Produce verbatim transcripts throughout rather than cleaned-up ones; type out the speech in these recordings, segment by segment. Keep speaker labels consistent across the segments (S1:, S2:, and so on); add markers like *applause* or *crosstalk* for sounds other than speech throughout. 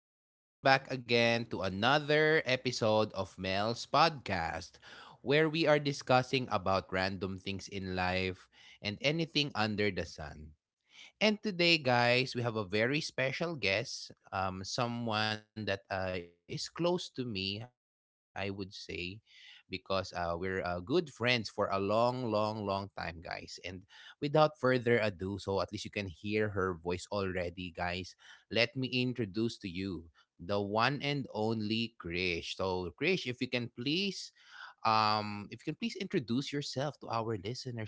S1: and welcome back again to another episode of Mel's podcast, where we are discussing about random things in life and anything under the sun. And today, guys, we have a very special guest, um, someone that uh, is close to me, I would say, because uh, we're uh, good friends for a long, long, long time, guys. And without further ado, so at least you can hear her voice already, guys, let me introduce to you the one and only Krish. So, Krish, if you can please. Um, if you can please introduce yourself to our listeners today.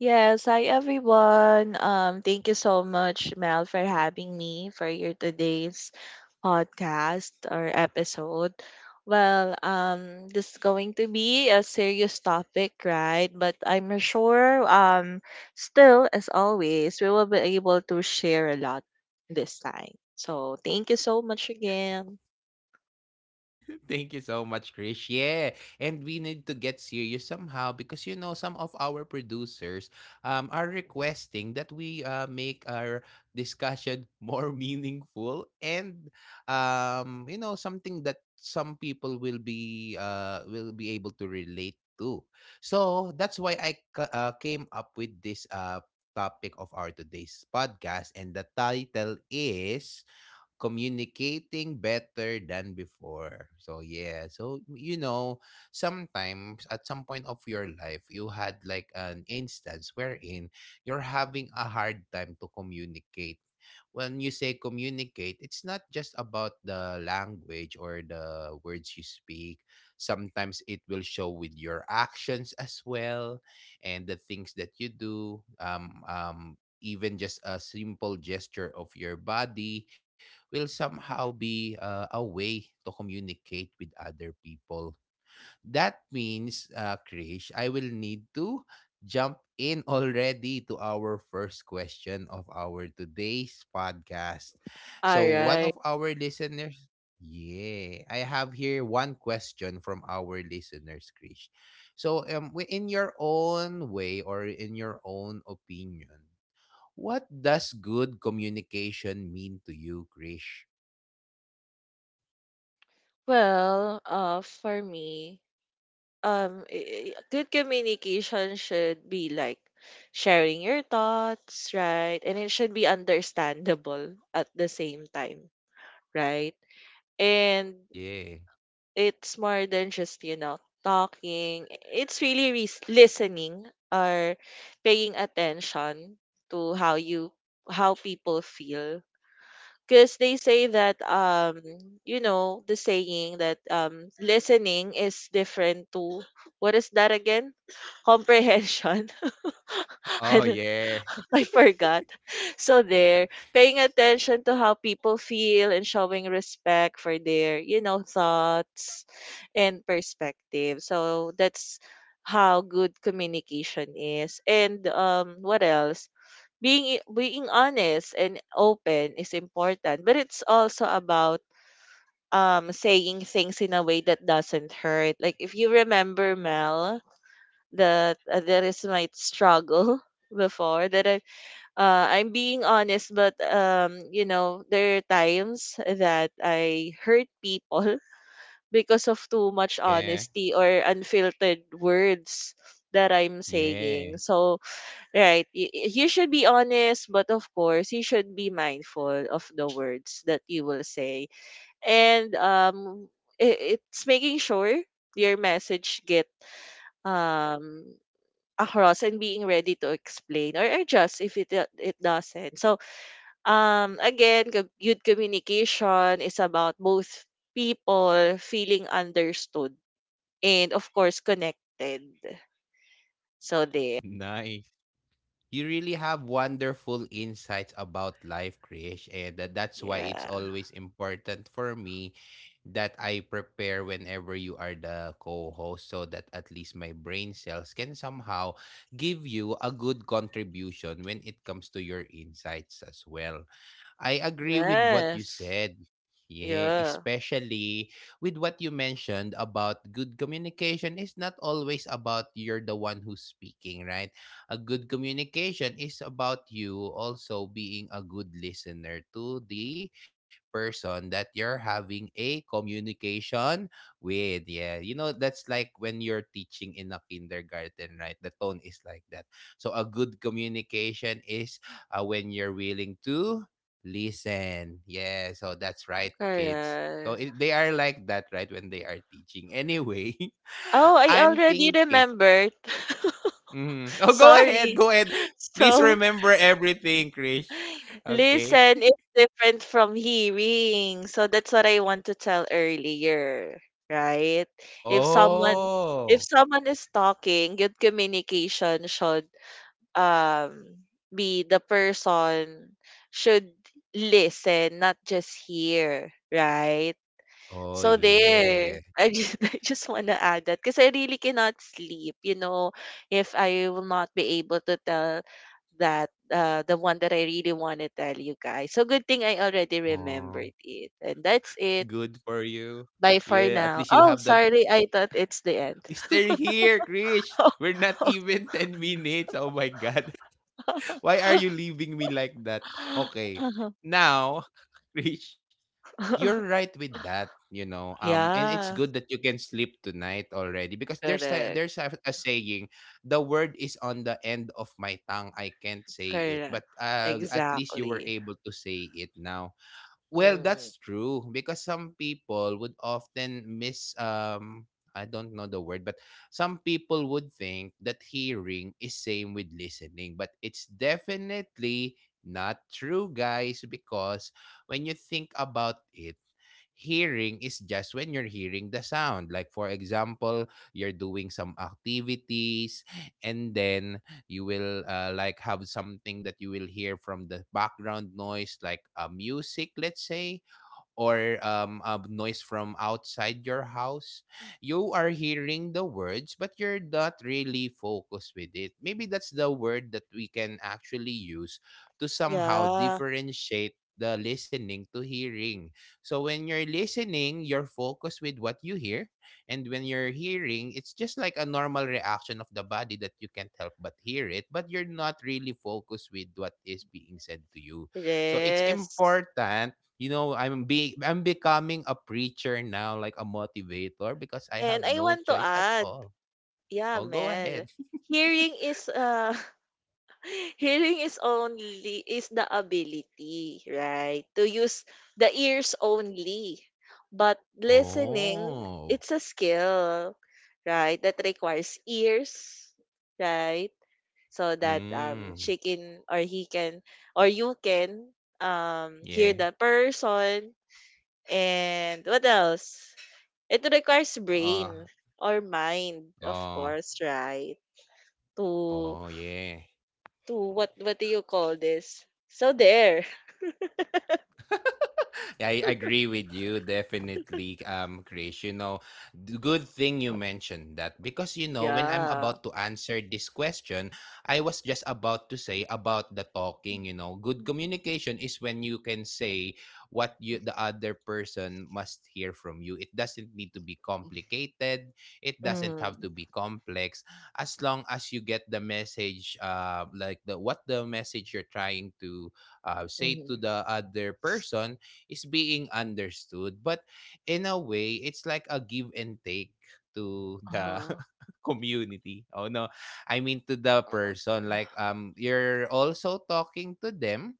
S2: Yes, hi everyone. Um, thank you so much, Mel, for having me for your today's podcast or episode. Well, um, this is going to be a serious topic, right? But I'm sure, um, still, as always, we will be able to share a lot this time. So thank you so much again.
S1: Thank you so much, Krish. Yeah, and we need to get serious somehow because you know some of our producers um are requesting that we uh, make our discussion more *laughs* meaningful and um you know something that some people will be uh will be able to relate to. So that's why I ca- uh, came up with this uh topic of our today's podcast and the title is communicating better than before. So yeah, so you know, sometimes at some point of your life, you had like an instance wherein you're having a hard time to communicate. When you say communicate, it's not just about the language or the words you speak. Sometimes it will show with your actions as well and the things that you do. Um, um, even just a simple gesture of your body will somehow be uh, a way to communicate with other people. That means, uh, Krish, I will need to jump in *laughs* already to our first question of our today's podcast.
S2: All
S1: So, one
S2: right.
S1: of our listeners, yeah, I have here one question from our listeners, Krish. So, um, wi- in your own way or in your own opinion, what does good communication mean to you, Krish?
S2: Well, uh, for me, um i- i- good communication should be like sharing your thoughts, right? And it should be understandable at the same time, right? And
S1: Yeah.
S2: it's more than just, you know, talking. It's really res- listening or paying attention to how you how people feel. Because they say that um you know, the saying that um listening is different to, what is that again? Comprehension. *laughs* I,
S1: Oh,
S2: don't-
S1: yeah.
S2: I forgot. *laughs* So there, paying attention to how people feel and showing respect for their, you know, thoughts and perspective. So that's how good communication is. And um what else? Being i- being honest and open is important, but it's also about um saying things in a way that doesn't hurt. Like, if you remember, Mel, that uh, there is my struggle *laughs* before that i uh, I'm being honest, but, um, you know, there are times that I hurt people *laughs* because of too much
S1: Yeah.
S2: honesty or unfiltered words that I'm saying.
S1: Yeah.
S2: So Right. Y- y- You should be honest, but of course, you should be mindful of the words that you will say. And um, i- it's making sure your message get um across and being ready to explain or adjust if it do- it doesn't. So um again, co- good communication is about both people feeling understood and of course connected. So there.
S1: Nice. You really have wonderful insights about life, Krish, and that- that's why
S2: Yeah.
S1: it's always important for me that I prepare whenever you are the co-host so that at least my brain cells can somehow give you a good contribution when it comes to your insights as well. I agree with what you
S2: Yes.
S1: said. Yeah,
S2: Yeah.
S1: especially with what you mentioned about good communication is not always about you're the one who's speaking, right? A good communication is about you also being a good listener to the person that you're having a communication with. Yeah, you know, that's like when you're teaching in a kindergarten, right? The tone is like that. So, a good communication is uh, when you're willing to listen. Yeah, so that's right, kids. So
S2: Correct.
S1: it, they are like that, right, when they are teaching. Anyway,
S2: Oh,
S1: *laughs*
S2: I
S1: I'm
S2: already
S1: thinking.
S2: remembered. *laughs*
S1: Mhm. Oh, go ahead.
S2: Sorry.
S1: Go ahead. Please
S2: So,
S1: remember everything, Krish. Okay.
S2: listen is different from hearing. So that's what I want to tell earlier, right? If someone if
S1: Oh.
S2: someone is talking, good communication should um be, the person should listen, not just hear, right?
S1: Oh
S2: So there,
S1: yeah.
S2: I just *laughs* I just wanna add that because I really cannot sleep. You know, if I will not be able to tell that, uh, the one that I really want to tell you guys. So good thing I already
S1: Oh,
S2: remembered it, and that's it.
S1: good for you.
S2: Bye
S1: Yeah,
S2: for
S1: at least
S2: now.
S1: you'll have
S2: Oh,
S1: the
S2: sorry, I thought it's the end.
S1: mystery here, Krish.
S2: *laughs*
S1: We're not even *laughs* ten minutes. Oh my god. Why are you leaving me like that? Okay.
S2: Uh-huh.
S1: Now, *laughs* Krish, you're right with that, you know. Um, and it's
S2: Yeah,
S1: good that you can sleep tonight already because there's a,
S2: correct,
S1: there's a, a saying, the word is on the end of my tongue. I can't say it,
S2: correct,
S1: but uh, at least you were
S2: exactly.
S1: able to say it now. Well,
S2: Mm.
S1: that's true because some people would often miss um I don't know the word, but some people would think that hearing is same with listening, but it's definitely not true, guys, because when you think about it, hearing is just when you're hearing the sound. Like for example, you're doing some activities and then you will uh, like have something that you will hear from the background noise like uh, music let's say or um, a noise from outside your house, you are hearing the words, but you're not really focused with it. Maybe that's the word that we can actually use to somehow
S2: Yeah,
S1: differentiate the listening to hearing. So when you're listening, you're focused with what you hear. And when you're hearing, it's just like a normal reaction of the body that you can't help but hear it, but you're not really focused with what is being said to you. So it's
S2: yes.
S1: important you know i'm be I'm becoming a preacher now like a motivator because I have
S2: And I
S1: no
S2: want to
S1: choice at
S2: add.
S1: all.
S2: Yeah,
S1: Oh go
S2: Mel.
S1: ahead.
S2: Hearing is uh *laughs* hearing is only is the ability, right? To use the ears only. But listening,
S1: Oh.
S2: it's a skill, right? That requires ears, right? So that um she
S1: Mm,
S2: can or he can or you can um hear
S1: yeah.
S2: the person. And what else? It requires
S1: Uh.
S2: brain or mind, of
S1: Oh.
S2: course, right? to
S1: Oh yeah.
S2: to What what do you call this? So there. *laughs*
S1: Yeah, I agree with you definitely um Chris you know d- good thing you mentioned that because you know when I'm
S2: Yeah.
S1: about to answer this question I was just about to say about the talking you know good communication is when you can say what you the other person must hear from you. It doesn't need to be complicated, it doesn't have
S2: Mm-hmm.
S1: to be complex as long as you get the message uh like the what the message you're trying to uh, say to
S2: Mm-hmm.
S1: the other person is being understood. But in a way, it's like a give and take to the
S2: Uh-huh.
S1: *laughs* community. Oh no. I mean to the person like um you're also talking to them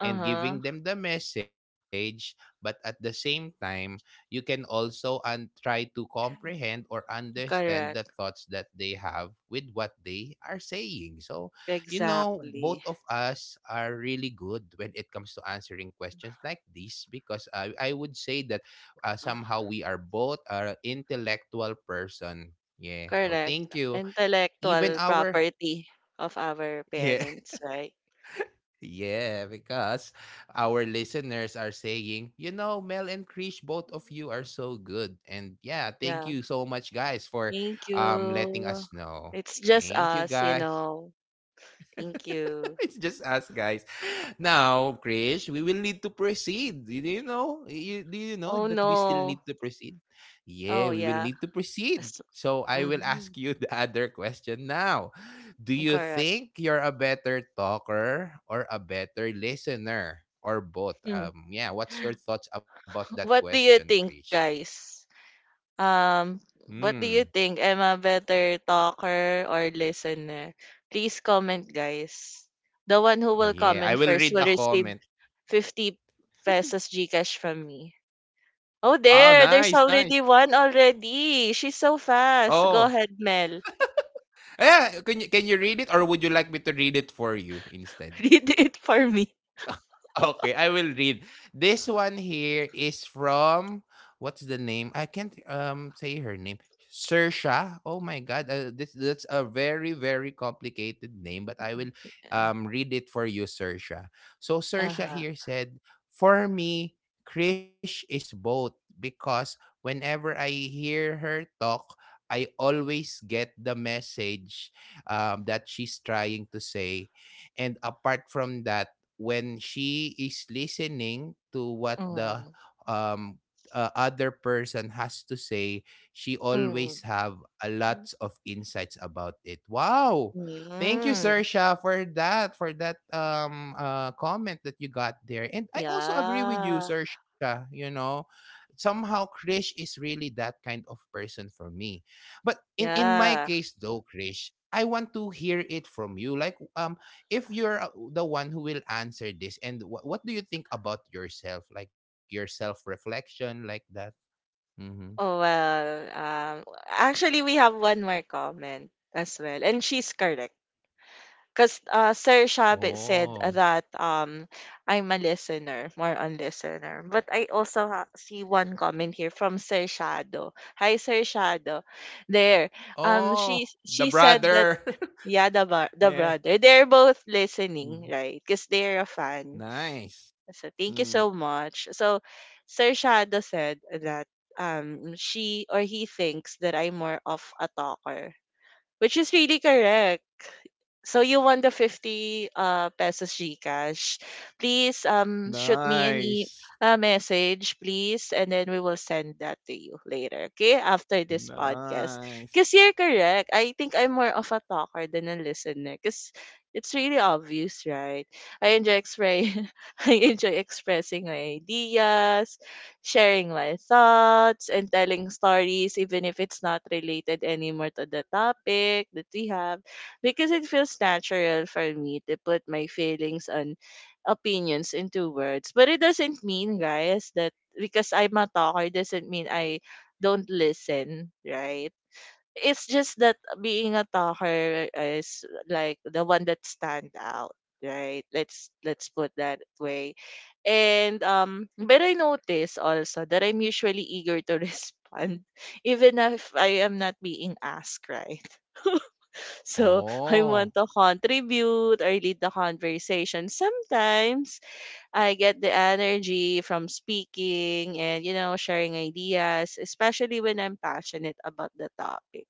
S1: and
S2: Uh-huh.
S1: giving them the message but at the same time you can also un- try to comprehend or understand the thoughts
S2: Correct.
S1: that they have with what they are saying. So you know both of
S2: Exactly.
S1: us are really good when it comes to answering questions like this because i, I would say that uh, somehow we are both are intellectual person, yeah, so
S2: Correct.
S1: thank you even
S2: Intellectual
S1: our
S2: property of our
S1: *laughs* yeah.
S2: parents, right?
S1: Yeah, because our listeners are saying, you know, Mel and Krish, both of you are so good. And yeah, thank
S2: Yeah.
S1: you so much, guys, for
S2: Thank
S1: um letting us
S2: you.
S1: know.
S2: It's just
S1: Thank you,
S2: us, you
S1: guys.
S2: know. Thank you.
S1: *laughs* It's just us guys. Now, Krish, we will need to proceed. Do you know? You, do you know
S2: Oh
S1: that we still
S2: no.
S1: need to proceed?
S2: Oh
S1: Yeah, we will
S2: yeah.
S1: need to proceed.
S2: As-
S1: So I will
S2: mhm.
S1: ask you *laughs* the other question now. Do you
S2: Correct.
S1: think you're a better talker or a better listener or both?
S2: Mm.
S1: Um, yeah. What's your thoughts about that
S2: What do
S1: question,
S2: you think,
S1: Krish?
S2: guys? Um, what do
S1: Hmm.
S2: you think? Am I better talker or listener? Please comment, guys. The one who will
S1: Yeah, I
S2: comment
S1: will read
S2: first
S1: a
S2: will
S1: comment.
S2: receive fifty pesos Gcash from me. Oh,
S1: Wow,
S2: there. There's
S1: nice, nice.
S2: already one already. She's so fast. Go
S1: Oh,
S2: ahead, Mel.
S1: *laughs* yeah, can you, can you read it or would you like me to read it for you instead?
S2: *laughs* Read it for me.
S1: Okay, I will read. This one here is from what's the name? I can't um say her name. Sersha. Oh my god, uh, this that's a very very complicated name, but I will um read it for you, Sersha. So Sersha
S2: Uh-huh.
S1: here said, "For me, Krish is both because whenever I hear her talk, I always get the message um, that she's trying to say. And apart from that, when she is listening to what the
S2: Mm.
S1: um uh, other person has to say she
S2: Mm.
S1: always have a lots of insights about it. Wow,
S2: Mm.
S1: thank you Sersha for that for that um uh, comment that you got there. And I also agree with you
S2: Yeah.
S1: Sersha, you know, somehow Krish is really that kind of person for me. But in in my
S2: Yeah.
S1: case though Krish I want to hear it from you like um if you're uh, the one who will answer this and wh- what do you think about yourself like your self reflection like that. Mm-hmm.
S2: Oh, well, um, actually, we have one more comment as well, and she's correct. Because uh, Sir Shabit said
S1: Oh.
S2: that, um, I'm a listener, more on listener. But I also ha- see one comment here from Sir Shadow. Hi, Sir Shadow. There, um,
S1: Oh.
S2: she
S1: The
S2: she said that
S1: brother.
S2: yeah, the bro-
S1: *laughs*
S2: the
S1: Yeah.
S2: brother, they're both listening,
S1: Mm.
S2: right? Because they're a fan.
S1: Nice.
S2: So thank you
S1: Mm.
S2: so much. So Sir Shadow said that um she or he thinks that I'm more of a talker, which is really correct. So you won the fifty uh, pesos Gcash. Please um shoot me an e-
S1: Nice.
S2: a message, please, and then we will send that to you later, okay? After this podcast.
S1: Nice.
S2: Because you're correct. I think I'm more of a talker than a listener. Because it's really obvious, right? I enjoy expre- *laughs* I enjoy expressing my ideas, sharing my thoughts and telling stories, even if it's not related anymore to the topic that we have, because it feels natural for me to put my feelings and opinions into words. But it doesn't mean, guys, that because I'm a talker, doesn't mean I don't listen, right? It's just that being a talker is like the one that stand out, right? Let's let's put that way. And um but I notice also that I'm usually eager to *laughs* respond even if I am not being asked, right? *laughs* So I
S1: Oh,
S2: want to contribute or lead the conversation. Sometimes I get the energy from speaking and, you know, sharing ideas, especially when I'm passionate about the topic.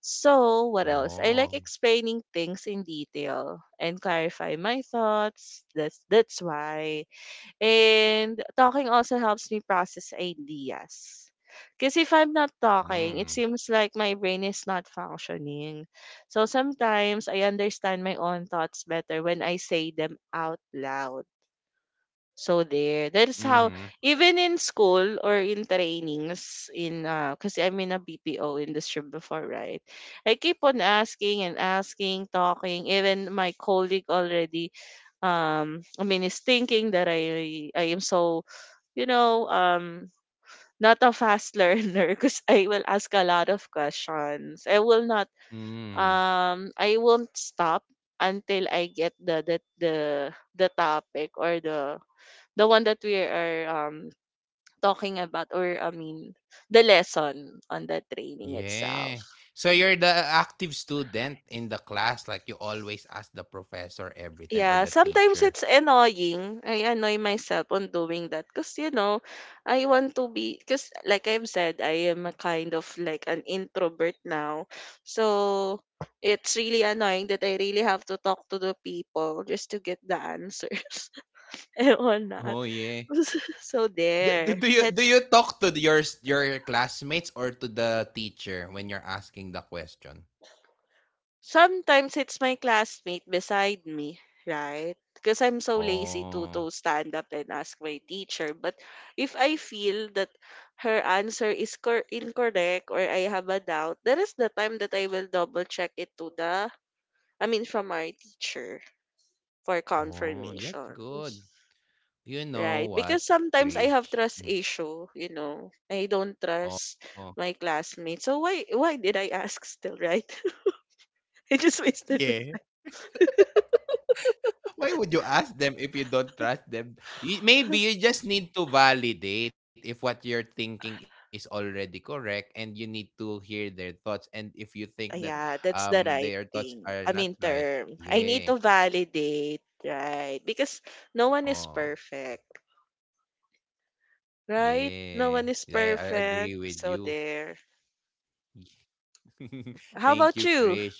S2: So, what else? I like
S1: oh,
S2: explaining things in detail and clarify my thoughts. That's that's why. And talking also helps me process ideas. Because if I'm not talking, it
S1: mm,
S2: seems like my brain is not functioning. So sometimes I understand my own thoughts better when I say them out loud. So there, that's how,
S1: mm-hmm,
S2: even in school or in trainings in uh, because I'm in a B P O industry before, right? I keep on asking and asking, talking. Even my colleague already, um, I mean, is thinking that I I am so, you know, um not a fast learner *laughs* because I will ask a lot of questions. I will not
S1: mm,
S2: um I won't stop until I get the the the the topic or the the one that we are um talking about, or I mean the lesson on the training
S1: yeah.
S2: itself.
S1: So you're the active student in the class, like you always ask the professor every time or
S2: Yeah,
S1: the
S2: sometimes
S1: teacher.
S2: it's annoying. I annoy myself on doing that because, you know, I want to be, because like I've said, I am a kind of like an introvert now. So it's really annoying that I really have to talk to the people just to get the answers *laughs* and whatnot.
S1: Oh yeah.
S2: *laughs* So
S1: Do, do,
S2: there.
S1: do you do
S2: That's
S1: you talk to your s- your classmates or to the teacher when you're asking the question?
S2: Sometimes it's my classmate beside me, right? Because I'm so lazy to
S1: Oh,
S2: to stand up and ask my teacher. But if I feel that her answer is cor- incorrect or I have a doubt, that is the time that I will double check it to the, I mean, from our teacher for
S1: oh, that's
S2: confirmation,
S1: good. You
S2: right?
S1: know
S2: Because
S1: what,
S2: sometimes I
S1: Krish?
S2: have
S1: Mm.
S2: trust issue, you know, I don't
S1: Oh,
S2: trust
S1: oh.
S2: my classmates. So why why did I ask still, right? *laughs* I just wasted.
S1: Yeah. Why would you ask them if you don't trust them? You, maybe you just need to validate if what you're thinking is already correct, and you need to hear their thoughts. And if you think that
S2: Yeah,
S1: um
S2: that's the
S1: their
S2: right
S1: thoughts are
S2: thing.
S1: not
S2: I mean,
S1: right,
S2: term. I
S1: yeah.
S2: need to validate, right? Because no one is
S1: Oh.
S2: perfect,
S1: Yeah, I
S2: right?
S1: I
S2: No one
S1: agree
S2: is
S1: with you.
S2: perfect. So there.
S1: *laughs* Thank you,
S2: How
S1: Chris. You
S2: about
S1: know
S2: you?
S1: what?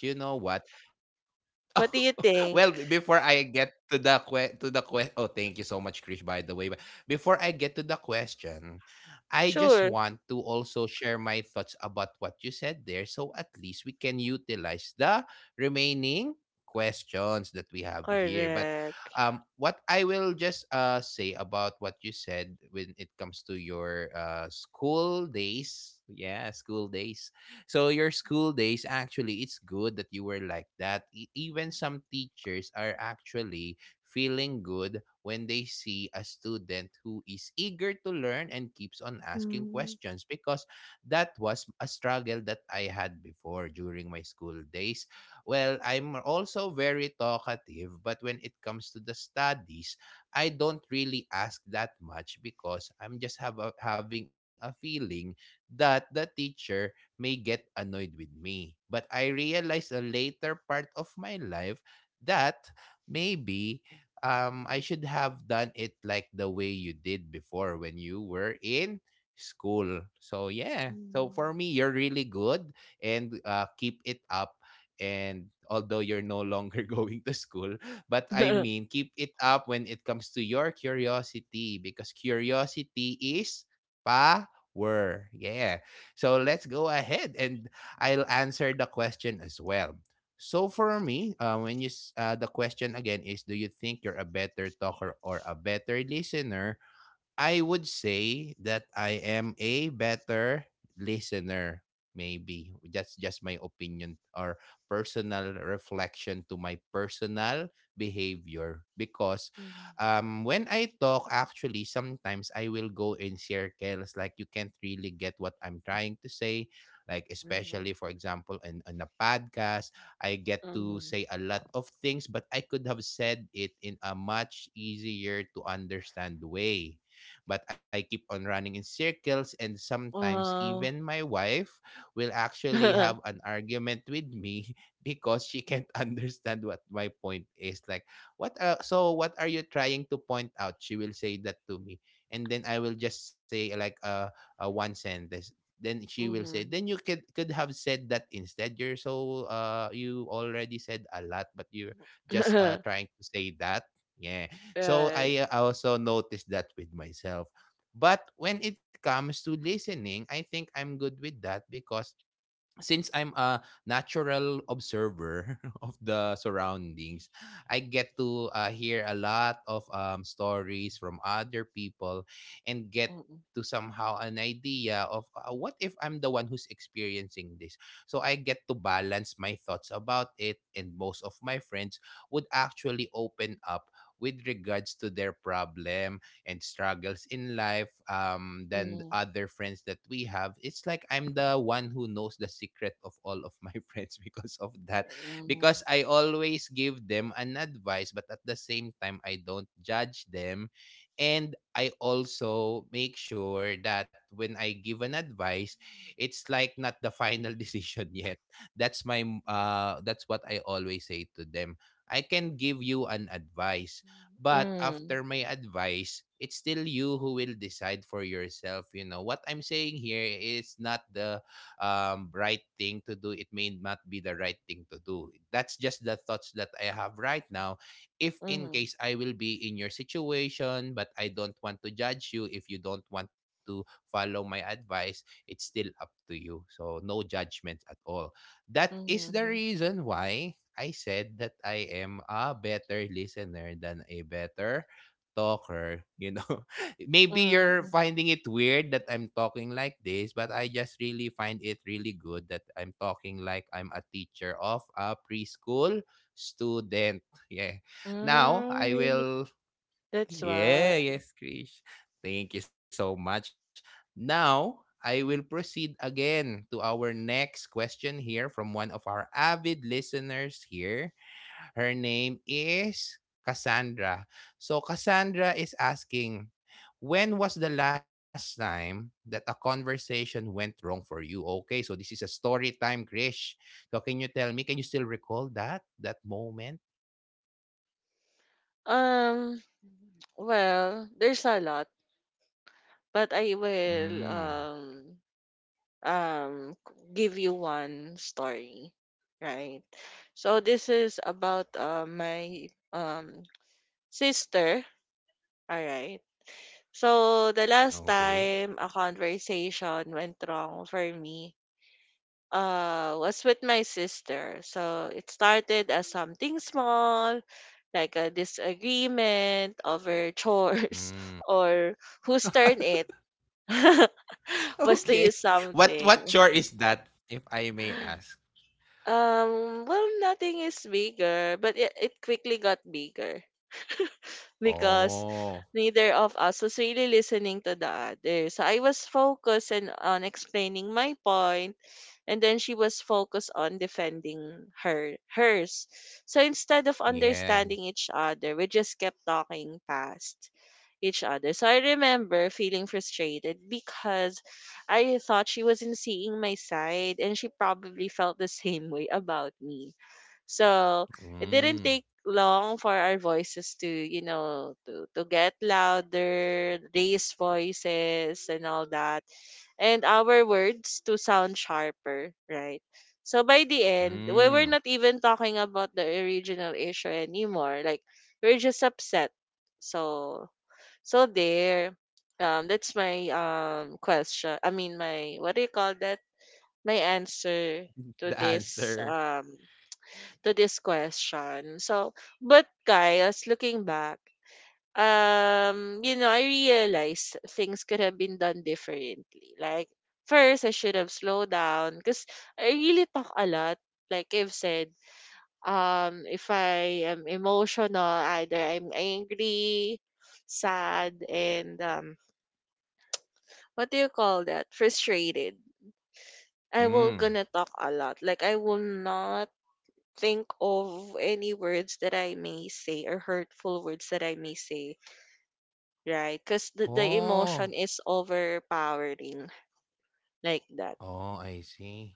S1: *laughs*
S2: What do you
S1: Well, be before
S2: think?
S1: I get to the que to the que oh, thank you so much, Krish, by the way. But before I get to the question, I just want
S2: Sure.
S1: to also share my thoughts about what you said there, so at least we can utilize the remaining questions that we have here. But
S2: Correct.
S1: um, what I will just uh say about what you said when it comes to your uh school days, yeah, school days. So your school days actually it's good that you were like that. E- even some teachers are actually feeling good when they see a student who is eager to learn and keeps on asking
S2: Mm.
S1: questions because that was a struggle that I had before during my school days. Well, I'm also very talkative, but when it comes to the studies, I don't really ask that much because I'm just have a, having a feeling that the teacher may get annoyed with me. But I realized a later part of my life that maybe um, I should have done it like the way you did before when you were in school. So, yeah. So, for
S2: Mm.
S1: me, you're really good and uh, keep it up. And although you're no longer *laughs* going to school, but I mean,
S2: *laughs*
S1: keep it up when it comes to your curiosity because curiosity is power. Yeah. So let's go ahead and I'll answer the question as well. So for me, uh, when you s- uh, the question again is, do you think you're a better talker or a better listener? I would say that I am a better listener. Maybe that's just my opinion or personal reflection to my personal behavior. Because um, when I talk, actually, sometimes I will go in circles, like you can't really get what I'm trying to say. Like,
S2: Mm-hmm. Mm. mhm,
S1: especially, for example, in, in a podcast, I get to
S2: mhm.
S1: say a lot of things, but I could have said it in a much easier to understand way, but I keep on running in circles, and sometimes even
S2: Wow.
S1: my wife will actually have an
S2: *laughs*
S1: argument with me *laughs* because she can't *laughs* understand what my point is, like what are, so what are you trying to point out? She will say that to me, and then I will just say like a a one sentence. Then she will say, then
S2: Mm-hmm.
S1: you could could have said that instead. You're so uh you already said a lot, but you're just uh
S2: *laughs*
S1: trying to say that, yeah. So
S2: Right.
S1: I uh, also noticed that with myself. But when it comes to listening, I think I'm good with that because since I'm a natural observer *laughs* of the surroundings, I get to uh, hear a lot of um, stories from other people and get to
S2: Mm-hmm.
S1: somehow an idea of uh, what if I'm the one who's experiencing this. So I get to balance my thoughts about it, and most of my friends would actually open up with regards to their problem and struggles in life, um than the
S2: Mm-hmm.
S1: other friends that we have. It's like I'm the one who knows the secret of all of my *laughs* friends because of that, because I always give them an advice, but at the same time I don't judge them. And I also make sure that when I give an advice, it's like not the final *laughs* decision yet. That's my m- uh that's what I always say to them. I can give you an advice, but
S2: Mm-hmm.
S1: after my advice, it's still you who will decide for yourself. You know, what I'm saying here is not the um, right thing to do. It may not be the right thing to do. That's just the thoughts that I have right now, if in case I will be in your situation. But I don't want to judge you. If you don't want to follow my advice, it's still up to you. So, no judgment at all. That is the reason why I said that I am a better listener than a better talker, *laughs* you know. Maybe you're
S2: Mm-hmm.
S1: finding it weird that I'm talking like this, but I just really find it really good that I'm talking like I'm a teacher of a preschool student. Yeah. Now,
S2: Mm,
S1: I
S2: really?
S1: will.
S2: That's why.
S1: Yeah, yes, Krish. Thank you so much. Now, I will proceed again to our next question here from one of our avid listeners here. Her name is Cassandra. So Cassandra is asking, when was the last time that a conversation went wrong for you? Okay, so this is a story time, Krish. So can you tell me, can you still recall that that moment?
S2: Um, well, there's a lot, but I will
S1: Mm.
S2: um um give you one story, right? So this is about uh, my um sister, all right? So the last
S1: Okay.
S2: time a conversation went wrong for me, uh was with my sister. So it started as something small, like a disagreement over chores *laughs*
S1: Mm. *laughs*
S2: or whose turn it *laughs* was to
S1: Okay.
S2: use
S1: What
S2: something.
S1: what chore is that, if I may ask?
S2: Um, well, nothing is bigger, but it, it quickly got bigger because
S1: Oh,
S2: neither of us was really listening to the other. So I was focused and on explaining my point, and then she was focused on defending her hers. So instead of understanding
S1: yeah.
S2: each other, we just kept talking past each other. So I remember feeling frustrated because I thought she wasn't seeing my side, and she probably felt the *laughs* same way about me. So it didn't take
S1: Mm.
S2: long for our voices to, you know, to, to get louder, raise voices and all that. And our words to sound sharper, right? So by the end, we were not
S1: Mm.
S2: even talking about the original issue anymore. Like we're just upset. So so there. Um that's my um question. I mean my, what do you call that? My answer to
S1: The
S2: this
S1: answer.
S2: um to this question. So, but guys, looking back, um, you know, I realized things could have been done differently. Like, first, I should have slowed down because I really talk a lot. Like I've said, um, if I am emotional, either I'm angry, sad, and um, what do you call that? Frustrated. I will
S1: Mm.
S2: gonna talk a lot. Like I will not think of any words that I may say or hurtful words that I may say, right? Because the, the
S1: Oh.
S2: emotion is overpowering like that.
S1: Oh, I see.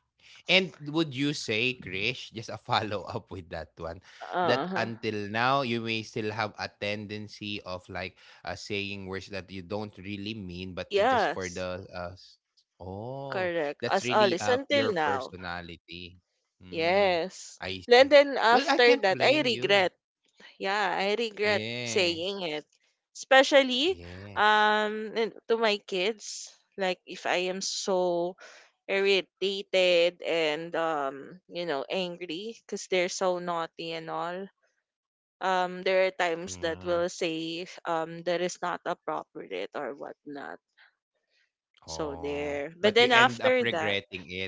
S1: And would you say, Krish, just a *laughs* follow up with that one,
S2: Uh
S1: that
S2: huh.
S1: until now you may still have a tendency of like uh, saying words that you don't really mean, but it just for
S2: Yes,
S1: the uh, s- oh,
S2: correct.
S1: that's
S2: As
S1: really uh
S2: always,
S1: your
S2: until now.
S1: personality. Mm,
S2: Yes.
S1: I
S2: Then,
S1: see.
S2: then
S1: Well, I
S2: after
S1: can't
S2: that, I
S1: blame you.
S2: regret. Yeah, I regret
S1: Yeah,
S2: saying it. Especially
S1: yeah.
S2: um and to my kids. Like if I am so irritated and um you know angry because they're so naughty and all, um there are times that will
S1: Mm,
S2: say um that is not appropriate or whatnot. So
S1: oh,
S2: there.
S1: but you
S2: But then
S1: end up
S2: after that,
S1: regretting it.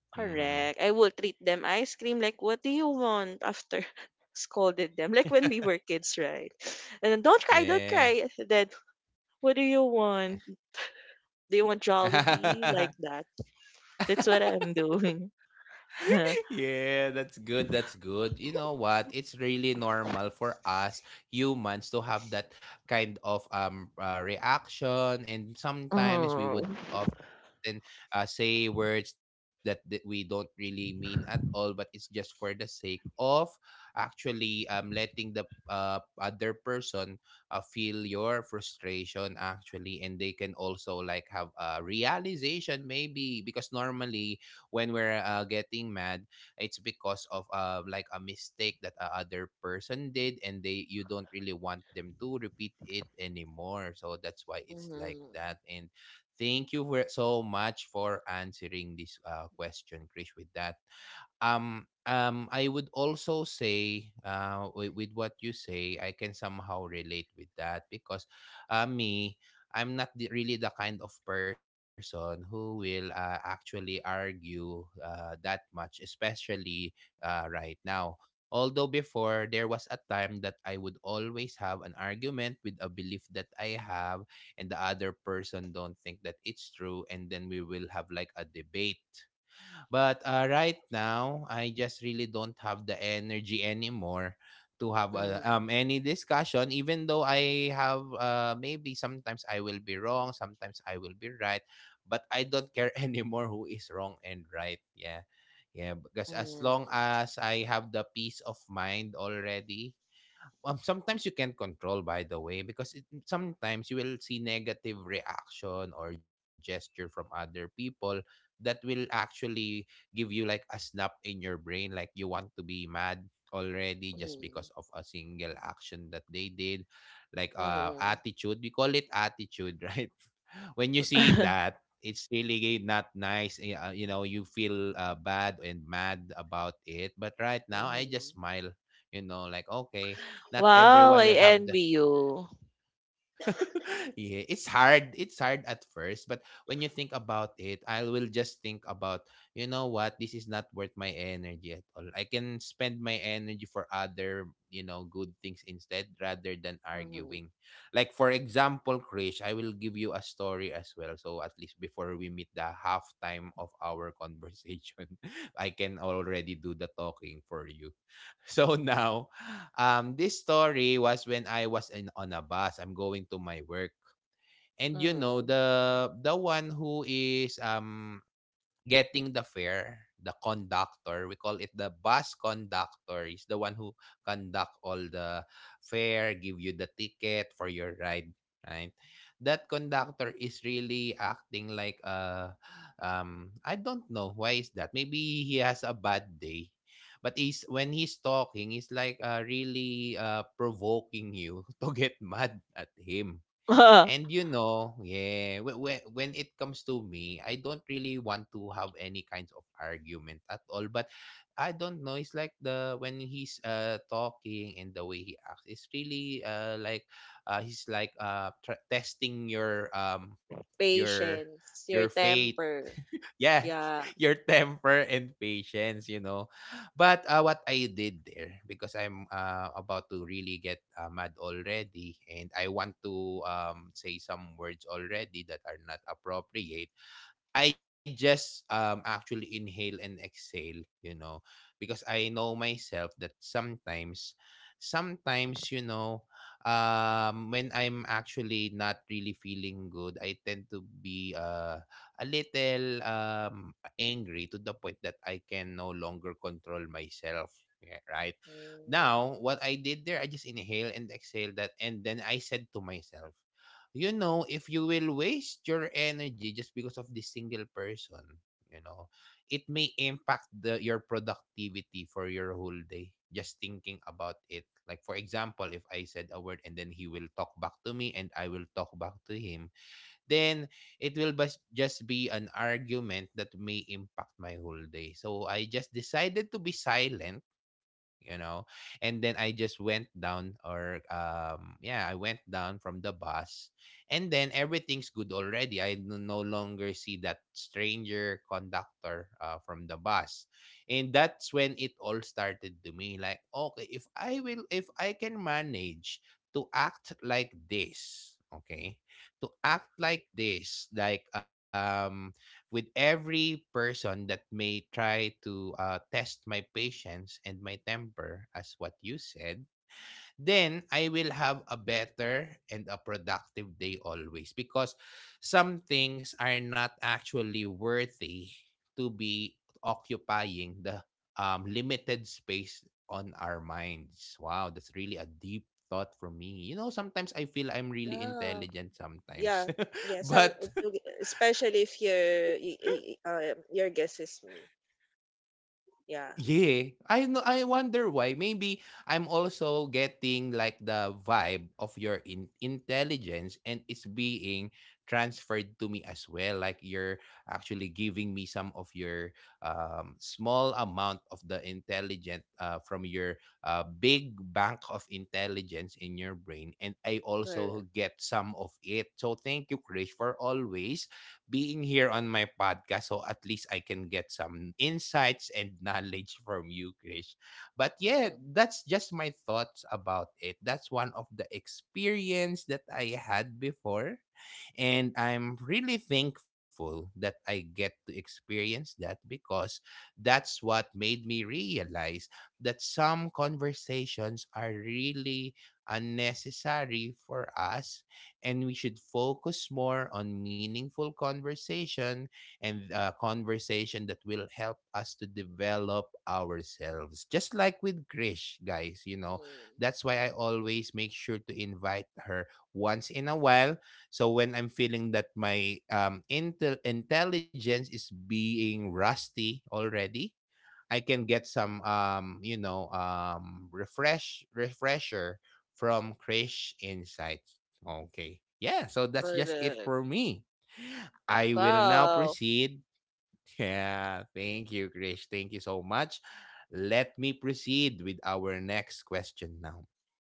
S1: Mm-hmm.
S2: correct, I will treat them ice cream like, what do you want after *laughs* scolded them, like when we were
S1: *laughs*
S2: kids, right? And then, don't cry, don't cry.
S1: Yeah.
S2: Then what do you want? Do you want Jollibee,
S1: yeah
S2: like that? That's what I'm doing. *laughs*
S1: yeah, that's good. That's good. You know what? It's really normal for us humans to have that kind of um uh, reaction, and sometimes we
S2: Oh.
S1: would often uh, say words that, that we don't really mean at all, but it's just for the sake of actually um letting the uh, other person uh, feel your frustration, actually, and they can also like have a realization maybe, because normally when we're uh, getting mad, it's because of uh, like a mistake that a other person did, and they, you don't really want them to repeat it anymore, so that's why it's like that.
S2: Mhm.
S1: And thank you for so much for answering this uh, question, Chris, with that. um, um, I would also say, uh, with, with what you say, I can somehow relate with that, because, uh, me, I'm not the, really the kind of person who will uh, actually argue uh, that much, especially uh, right now. Although before there was a time that I would always have an argument with a belief that I have, and the other person don't think that it's true, and then we will have like a debate. But uh, right now, I just really don't have the energy anymore to have a, um
S2: Mhm.
S1: any discussion, even though I have uh maybe sometimes I will be wrong, sometimes I will be right, but I don't care *laughs* anymore who is wrong and right. Yeah. Yeah, because as
S2: Mhm.
S1: long as I have the peace of mind already. Um, sometimes you can't control, by the way, because it, sometimes you will see negative reaction or gesture from other people that will actually give you like a snap in your brain, like you want to be mad already just
S2: Mhm.
S1: because of a single action that they did, like
S2: Mhm.
S1: uh
S2: Mhm.
S1: attitude, we call it attitude, *laughs* right? When you see that,
S2: *laughs*
S1: it's really not nice, eh, uh, you know, you feel uh, bad and mad about it, but right now I just smile, you know, like okay, not
S2: Wow,
S1: everyone
S2: I
S1: will have the
S2: envy you.
S1: *laughs* yeah, it's hard. It's hard at first, but when you think about it, I will just think about, you know what, this is not worth my energy at all. I can spend my energy for other, you know, good things instead rather than
S2: *laughs* Mhm.
S1: arguing. Like for example, Krish, I will give you a story as well. So at least before we meet the halftime of our conversation, *laughs* I can already do the talking for you. So now. Um, this story was when I was in on a bus. I'm going to my work. And you know,
S2: Mhm.
S1: the the one who is um getting the fare, the conductor, we call it the bus conductor, is the one who conduct all the fare, give you the ticket for your ride, right? That conductor is really acting like a um I don't know why is that. Maybe he has a bad day. But he's when he's talking, he's like uh, really uh, provoking you *laughs* to get mad at him. And you know, yeah, when, when it comes to me, I don't really want to have any kinds of argument at all. But I don't know. It's like the when he's uh talking and the way he acts, it's really uh like uh he's like uh tr- testing your um your
S2: Patience, your
S1: your faith
S2: temper.
S1: *laughs* yeah,
S2: Yeah.
S1: your temper and patience, you know. But uh, what I did there, because I'm uh, about to really get uh, mad already, and I want to um, say some words already that are not appropriate, I just um actually inhale and exhale, you know, because I know myself that sometimes sometimes you know um when I'm actually not really feeling good, I tend to be uh a little um angry to the point that I can no longer control myself, yeah, right?
S2: Mhm.
S1: Now what I did there, I just inhale and exhale that, and then I said to myself, you know, if you will waste your energy just because of this single person, you know, it may impact the your productivity for your whole day just thinking about it. Like for example, if I said a word and then he will talk back to me and I will talk back to him, then it will bas- just be an argument that may impact my whole day. So I just decided to be silent. you know and then I just went down. Or um yeah I went down from the bus, and then everything's good already. I n- no longer see that stranger conductor uh, from the bus. And that's when it all started to me, like okay, if i will if I can manage to act like this, okay, to act like this, like um with every person that may try to uh, test my patience and my temper, as what you said, then I will have a better and a productive day always, because some things are not actually worthy to be occupying the um, limited space on our minds. Wow, that's really a deep thought for me. You know, sometimes I feel I'm really
S2: Yeah.
S1: intelligent
S2: Yeah.
S1: sometimes.
S2: Yeah.
S1: *laughs*
S2: Some
S1: but
S2: to- especially if your y- y- y- um, your guess is me. Yeah.
S1: Yeah, I know. I wonder why. Maybe I'm also getting like the vibe of your in- intelligence, and it's being transferred to me as well. Like you're actually giving me some of your um, small amount of the intelligent uh, from your uh, big bank of intelligence in your brain, and I
S2: Correct.
S1: also get some of it. So thank you, Krish, for always being here on my podcast. So at least I can get some insights and *laughs* knowledge from you, Krish. But
S2: Mhm.
S1: yeah, that's just my thoughts about it. That's one of the experience that I had before. And I'm really thankful that I get to experience that, because that's what made me realize that some conversations are really unnecessary for us, and we should focus more on meaningful conversation and uh, conversation that will help us to develop ourselves. Just like with Krish, guys, you know, that's why I always make sure to invite her once in a while. So when I'm feeling that my um, intel- intelligence is being rusty already, I can get some um you know um refresh refresher from Krish Insights. Okay. Yeah, so that's just it
S2: Correct.
S1: for me. I will now
S2: Wow.
S1: proceed. Yeah, thank you, Krish. Thank you so much. Let me proceed with our next question now.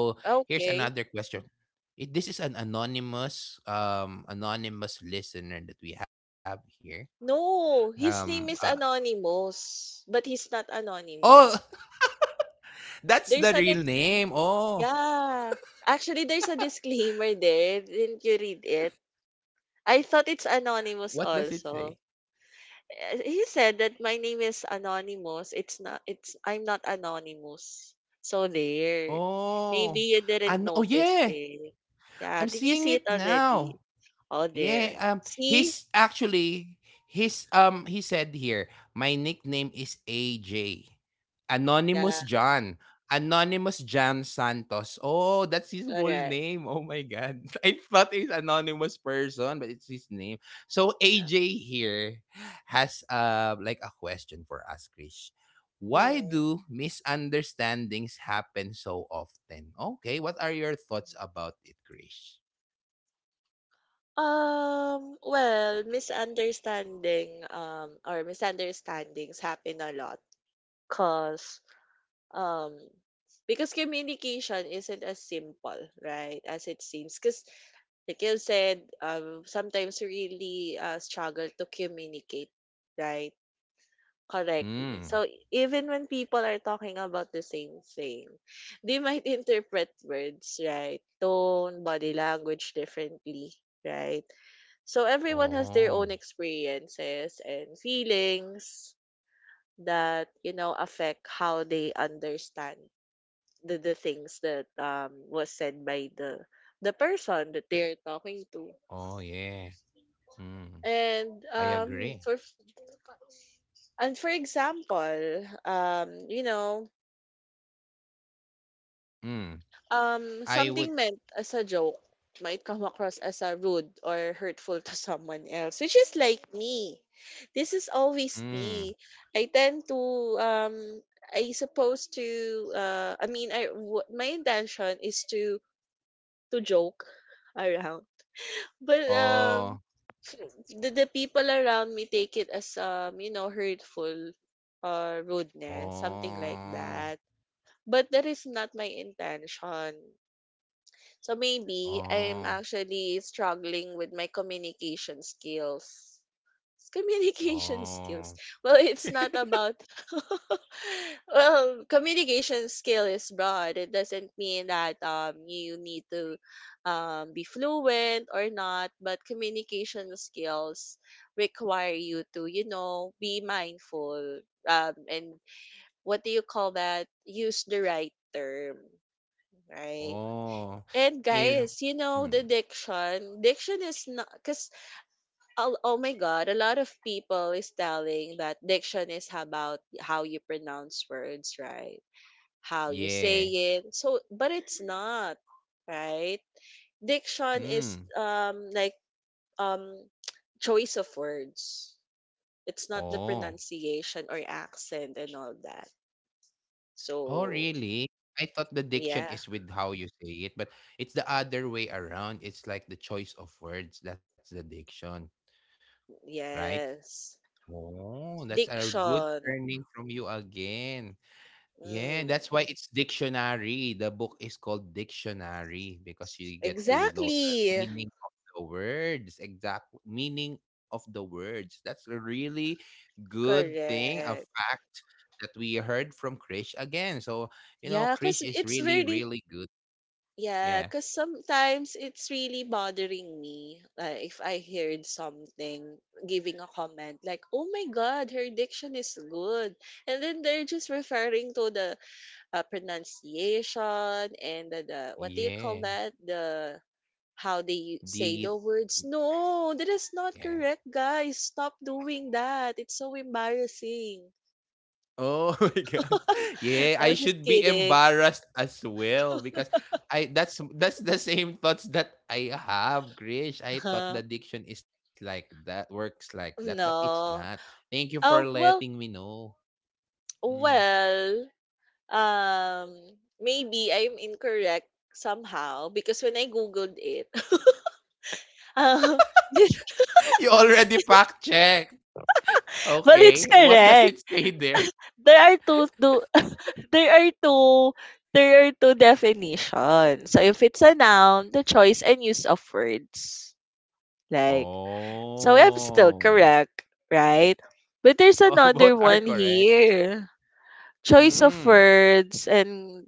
S1: So
S2: Okay.
S1: here's another question. It, this is an anonymous, um, anonymous listener that we have here.
S2: No, his
S1: Um,
S2: name is
S1: uh,
S2: Anonymous, but he's not
S1: oh.
S2: anonymous.
S1: That's
S2: There's
S1: the
S2: an ex
S1: real name. Oh.
S2: yeah. Actually, there's a disclaimer there. Didn't you read it? I thought it's
S1: What
S2: anonymous
S1: does it say?
S2: also. Eh, he said that my name is Anonymous. It's not it's I'm not anonymous. So there.
S1: Oh.
S2: Maybe you
S1: and
S2: didn't
S1: Oh,
S2: notice
S1: yeah.
S2: it.
S1: I'm
S2: Yeah, did you
S1: seeing
S2: see
S1: it
S2: it
S1: now.
S2: already? Oh,
S1: Yeah,
S2: there.
S1: um,
S2: See?
S1: he's actually he's um he said here, my nickname is A J. Anonymous
S2: Yeah,
S1: John. Anonymous John Santos. Oh, that's his full
S2: correct.
S1: name. Oh my god. *laughs* I thought he's anonymous person, but it's his name. So
S2: Yeah.
S1: A J here has uh like a question for us, Krish. Why
S2: Mm.
S1: do misunderstandings happen so often? Okay, what are your thoughts about it, Krish?
S2: Um, well, misunderstanding um or misunderstandings happen a lot, cause, um because communication isn't as simple, right, as it seems. Cause like you said, um sometimes we really uh, struggle to communicate, right? Correctly. So
S1: Mm.
S2: even when people are talking about the same thing, they might *laughs* interpret words, right? Tone, body language differently, right? So everyone has their
S1: Oh.
S2: own experiences and feelings that, you know, affect how they understand the, the things that um was said by the the person that they're talking to.
S1: Oh, yeah. Mm.
S2: And
S1: I
S2: um
S1: agree.
S2: for and for example, um, you know,
S1: Mm.
S2: Um,
S1: I
S2: something
S1: would
S2: meant as a joke might come across as a rude or hurtful to *laughs* someone else, which is like me. This is always me.
S1: mm.
S2: I tend to um I supposed to uh I mean, I w- my intention is to to joke around. But um
S1: Oh.
S2: the, the people around me take it as um you know, hurtful or rudeness, something like
S1: Oh.
S2: that. But that is not my intention. So maybe I'm
S1: Oh.
S2: actually struggling with my communication skills. It's communication *laughs* skills.
S1: Oh.
S2: Well, it's not
S1: *laughs*
S2: about *laughs* well, communication skill is broad. It doesn't mean that um you need to um be fluent or not, but communication skills require you to, you know, be mindful, um and what do you call that? Use the right term, right?
S1: Oh.
S2: And guys,
S1: Im
S2: you know, the
S1: mm.
S2: diction. Diction is not because oh, Oh my God, a lot of people is telling that diction is about how you pronounce words, right? How you
S1: Yeah.
S2: say it. So, but it's not, right? Diction is
S1: Mm.
S2: um like, um *tsk* choice of words. It's not the
S1: Oh.
S2: pronunciation or accent and all that.
S1: Oh,
S2: So
S1: really? I thought the
S2: yeah,
S1: diction is with how you say it, but it's the other way around. It's like the choice of words. That's the diction, right?
S2: yes,
S1: Oh, that's a good
S2: diction.
S1: learning from you again. Yeah,
S2: Mm.
S1: that's why it's dictionary. The book is called Dictionary because you get to know the
S2: Exactly.
S1: meaning of the words, exact meaning of the words. That's a really good thing, a
S2: Correct.
S1: fact that we heard from Krish again. So, you know,
S2: Yeah,
S1: Krish
S2: because
S1: is
S2: it's
S1: really,
S2: really,
S1: really good.
S2: yeah,
S1: Yeah.
S2: because sometimes it's really bothering me uh, if I heard something giving a comment like, oh my God, her diction is good. And then they're just referring to the uh, pronunciation and the, the, what do you call
S1: Yeah.
S2: that? The, how they say
S1: The
S2: the words. No, that is not
S1: yeah.
S2: correct, guys. Stop doing that. It's so embarrassing.
S1: Oh *laughs* my god.
S2: *laughs*
S1: Yeah,
S2: I
S1: I
S2: was just
S1: should be
S2: kidding.
S1: embarrassed as well because I that's that's the same thoughts that I have, Krish. I thought
S2: Uh-huh.
S1: the diction is like that, works like that, but it's not.
S2: No.
S1: Thank you for
S2: Oh,
S1: letting me
S2: well,
S1: know. Mhm.
S2: well, um, maybe I'm incorrect somehow because when I Googled it, *laughs* um, *laughs*
S1: *laughs* You already fact checked.
S2: well,
S1: Okay,
S2: it's
S1: what does it
S2: correct.
S1: say there?
S2: There are two, two *laughs* there are two there are two definitions. So if it's a noun, the choice and use of words. Like, so I'm still
S1: Oh.
S2: correct, right? But there's
S1: Oh, *laughs*
S2: another
S1: both are
S2: one
S1: correct.
S2: here. Choice of
S1: Mm.
S2: words. And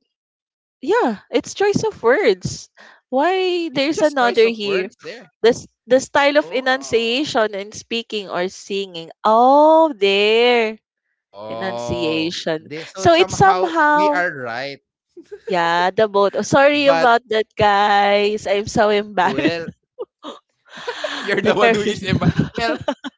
S2: yeah, it's choice of words. Why
S1: It's
S2: there's
S1: just
S2: another
S1: choice of
S2: here?
S1: words there.
S2: This, the style of enunciation
S1: Oh.
S2: in speaking or singing. Oh, there,
S1: Oh,
S2: enunciation.
S1: they
S2: So
S1: so
S2: it's
S1: somehow
S2: somehow,
S1: we are right,
S2: yeah, the both. Oh, sorry about
S1: but
S2: that, guys, I'm so embarrassed.
S1: well,
S2: *laughs* The
S1: *laughs* You're the
S2: question.
S1: one who is emba well,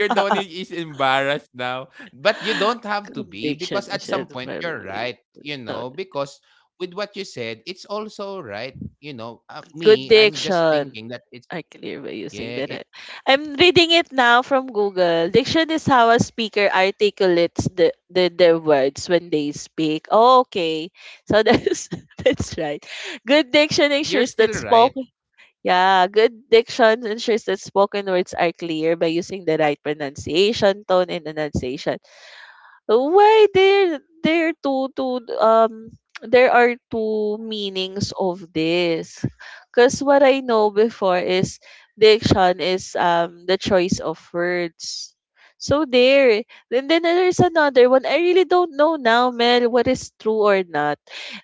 S1: you're the one who
S2: *laughs*
S1: is embarrassed now. But you don't have to be,
S2: Conviction
S1: because at
S2: is
S1: some point you're right, you know, because with what you said, it's also right. You know, uh,
S2: good.
S1: me, I'm just
S2: Diction
S1: thinking that it's
S2: are clear by using the
S1: yeah,
S2: right.
S1: it
S2: I'm reading it now from Google. Diction is how a speaker articulates the, the their words when they speak. Oh, okay, so that's *laughs* that's right. Good diction ensures
S1: you're
S2: that
S1: still right.
S2: spoken Yeah, good diction ensures that spoken words are clear by using the right pronunciation, tone, and enunciation. Why there there two two um there are two meanings of this. Cause what I know before is diction is um the choice of words. So there. And then there's another one. I really don't know now, Mel, what is true or not.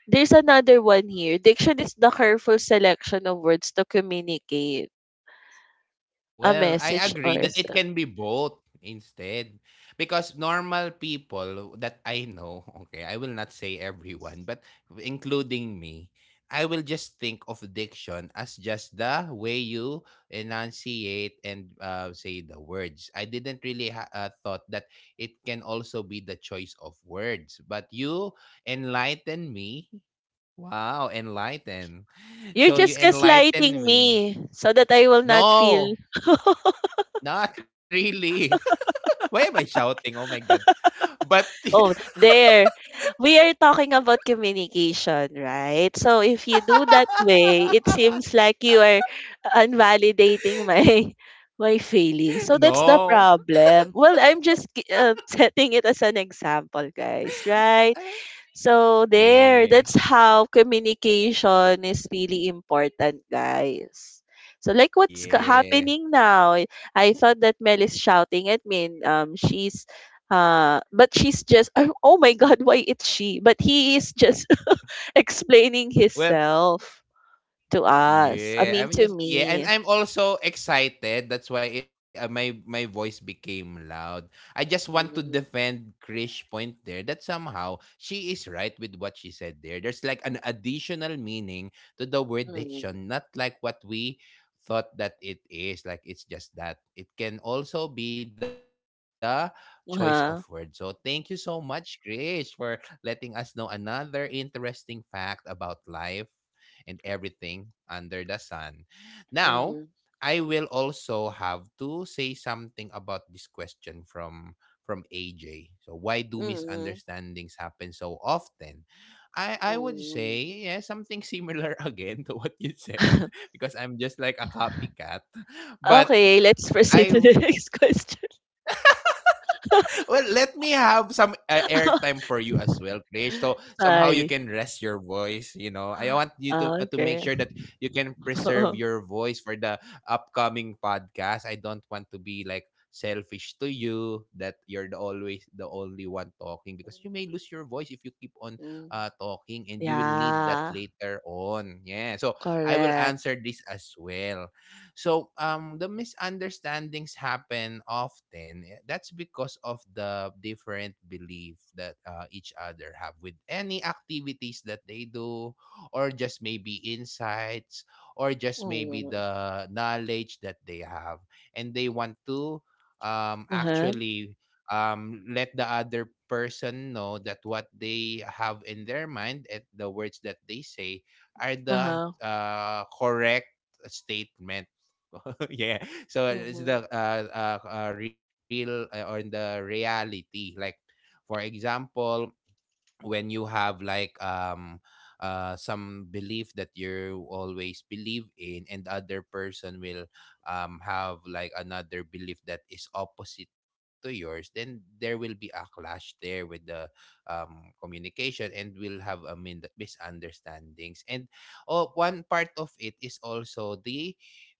S2: There's another one here. Diction is the careful selection of words to communicate a
S1: Well, I
S2: message or
S1: agree
S2: a
S1: that
S2: s-
S1: it can be both instead. Because normal people that I know, okay, I will not say everyone, but including me, I will just think of diction as just the way you enunciate and uh, say the words. I didn't really ha- uh, thought that it can also be the choice of words, but you enlighten me. Wow, enlighten.
S2: You're
S1: So you
S2: just gaslighting
S1: enlighten me.
S2: me so that I will not feel.
S1: No, not really. *laughs* Why am I shouting? Oh my god. But
S2: Oh, there. We are talking about communication, right? So if you do that way, it seems
S1: *laughs*
S2: like you are invalidating my *laughs* my feelings. So that's the
S1: no.
S2: problem. Well, I'm just gi- uh, *laughs* setting it as an example, guys, right?
S1: *laughs*
S2: So there,
S1: Yeah.
S2: that's how communication is really important, guys. So like what's ca-
S1: Yeah.
S2: happening now? I I thought that Mel is shouting at me. And, um, she's uh, but she's just, oh oh my God, why it's she? But he is just *laughs* explaining
S1: Well,
S2: himself to us. I mean,
S1: yeah, I'm
S2: to
S1: just yeah,
S2: me.
S1: and I'm also excited. That's why uh, my my voice became loud. I just want to
S2: Mm-hmm.
S1: defend Krish point there that somehow she is right with what she said there. There's like an additional meaning to the word diction, not like what we thought that it is. Like it's just that it can also be the choice of words. So thank
S2: Uh-huh.
S1: you so much, Krish, for letting us know another interesting fact about life and everything under the sun. Now,
S2: Mhm.
S1: I will also have to say something about this question from from A J. So why do
S2: Mhm.
S1: misunderstandings happen so often? I I would say
S2: Mhm.
S1: yeah, something similar *laughs* again to what you said
S2: *laughs*
S1: *laughs* because I'm just like a copycat. But
S2: Okay, let's proceed
S1: I
S2: to the *laughs* next question.
S1: well, let me have some uh, airtime for
S2: *laughs*
S1: you as well, Krish. So somehow you can
S2: Sorry.
S1: rest your voice. You know, I want you to uh, to make
S2: Okay.
S1: sure that you can preserve
S2: *laughs*
S1: your voice for the upcoming podcast. I don't want to be like selfish to you that you're the always the only one talking, because you may lose your voice if you keep on
S2: Mm.
S1: uh, talking and you will need that
S2: Yeah,
S1: later on. Yeah. So I will
S2: correct.
S1: answer this as well. So um, the misunderstandings happen often. eh, That's because of the different belief that uh, each other have with any activities that they do, or just maybe insights, or just maybe
S2: Mm.
S1: the knowledge that they have, and they want to um,
S2: Uh-huh.
S1: actually um, let the other person know that what they have in their mind and the words that they say are the
S2: Uh-huh.
S1: uh, correct statement. *laughs* Yeah. So it's
S2: Mm-hmm.
S1: the uh, uh, uh, real uh, or the reality. Like for example, when you have like um uh some belief that you always believe in, and the other person will um have like another belief that is opposite to yours, then there will be a clash there with the um communication, and will have a min- misunderstandings. And oh, one part of it is also the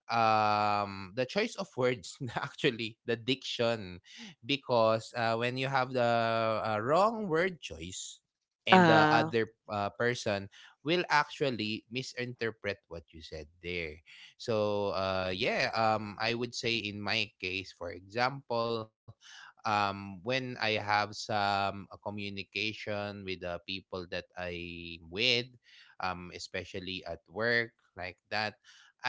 S1: um the choice of words, *laughs* actually the diction, because uh, when you have the uh, wrong word choice, and the
S2: Uh,
S1: other uh, person will actually misinterpret what you said there. So uh, yeah, um, I would say in my case, for example, um, when I have some uh, communication with the people that I'm with, um, especially at work like that,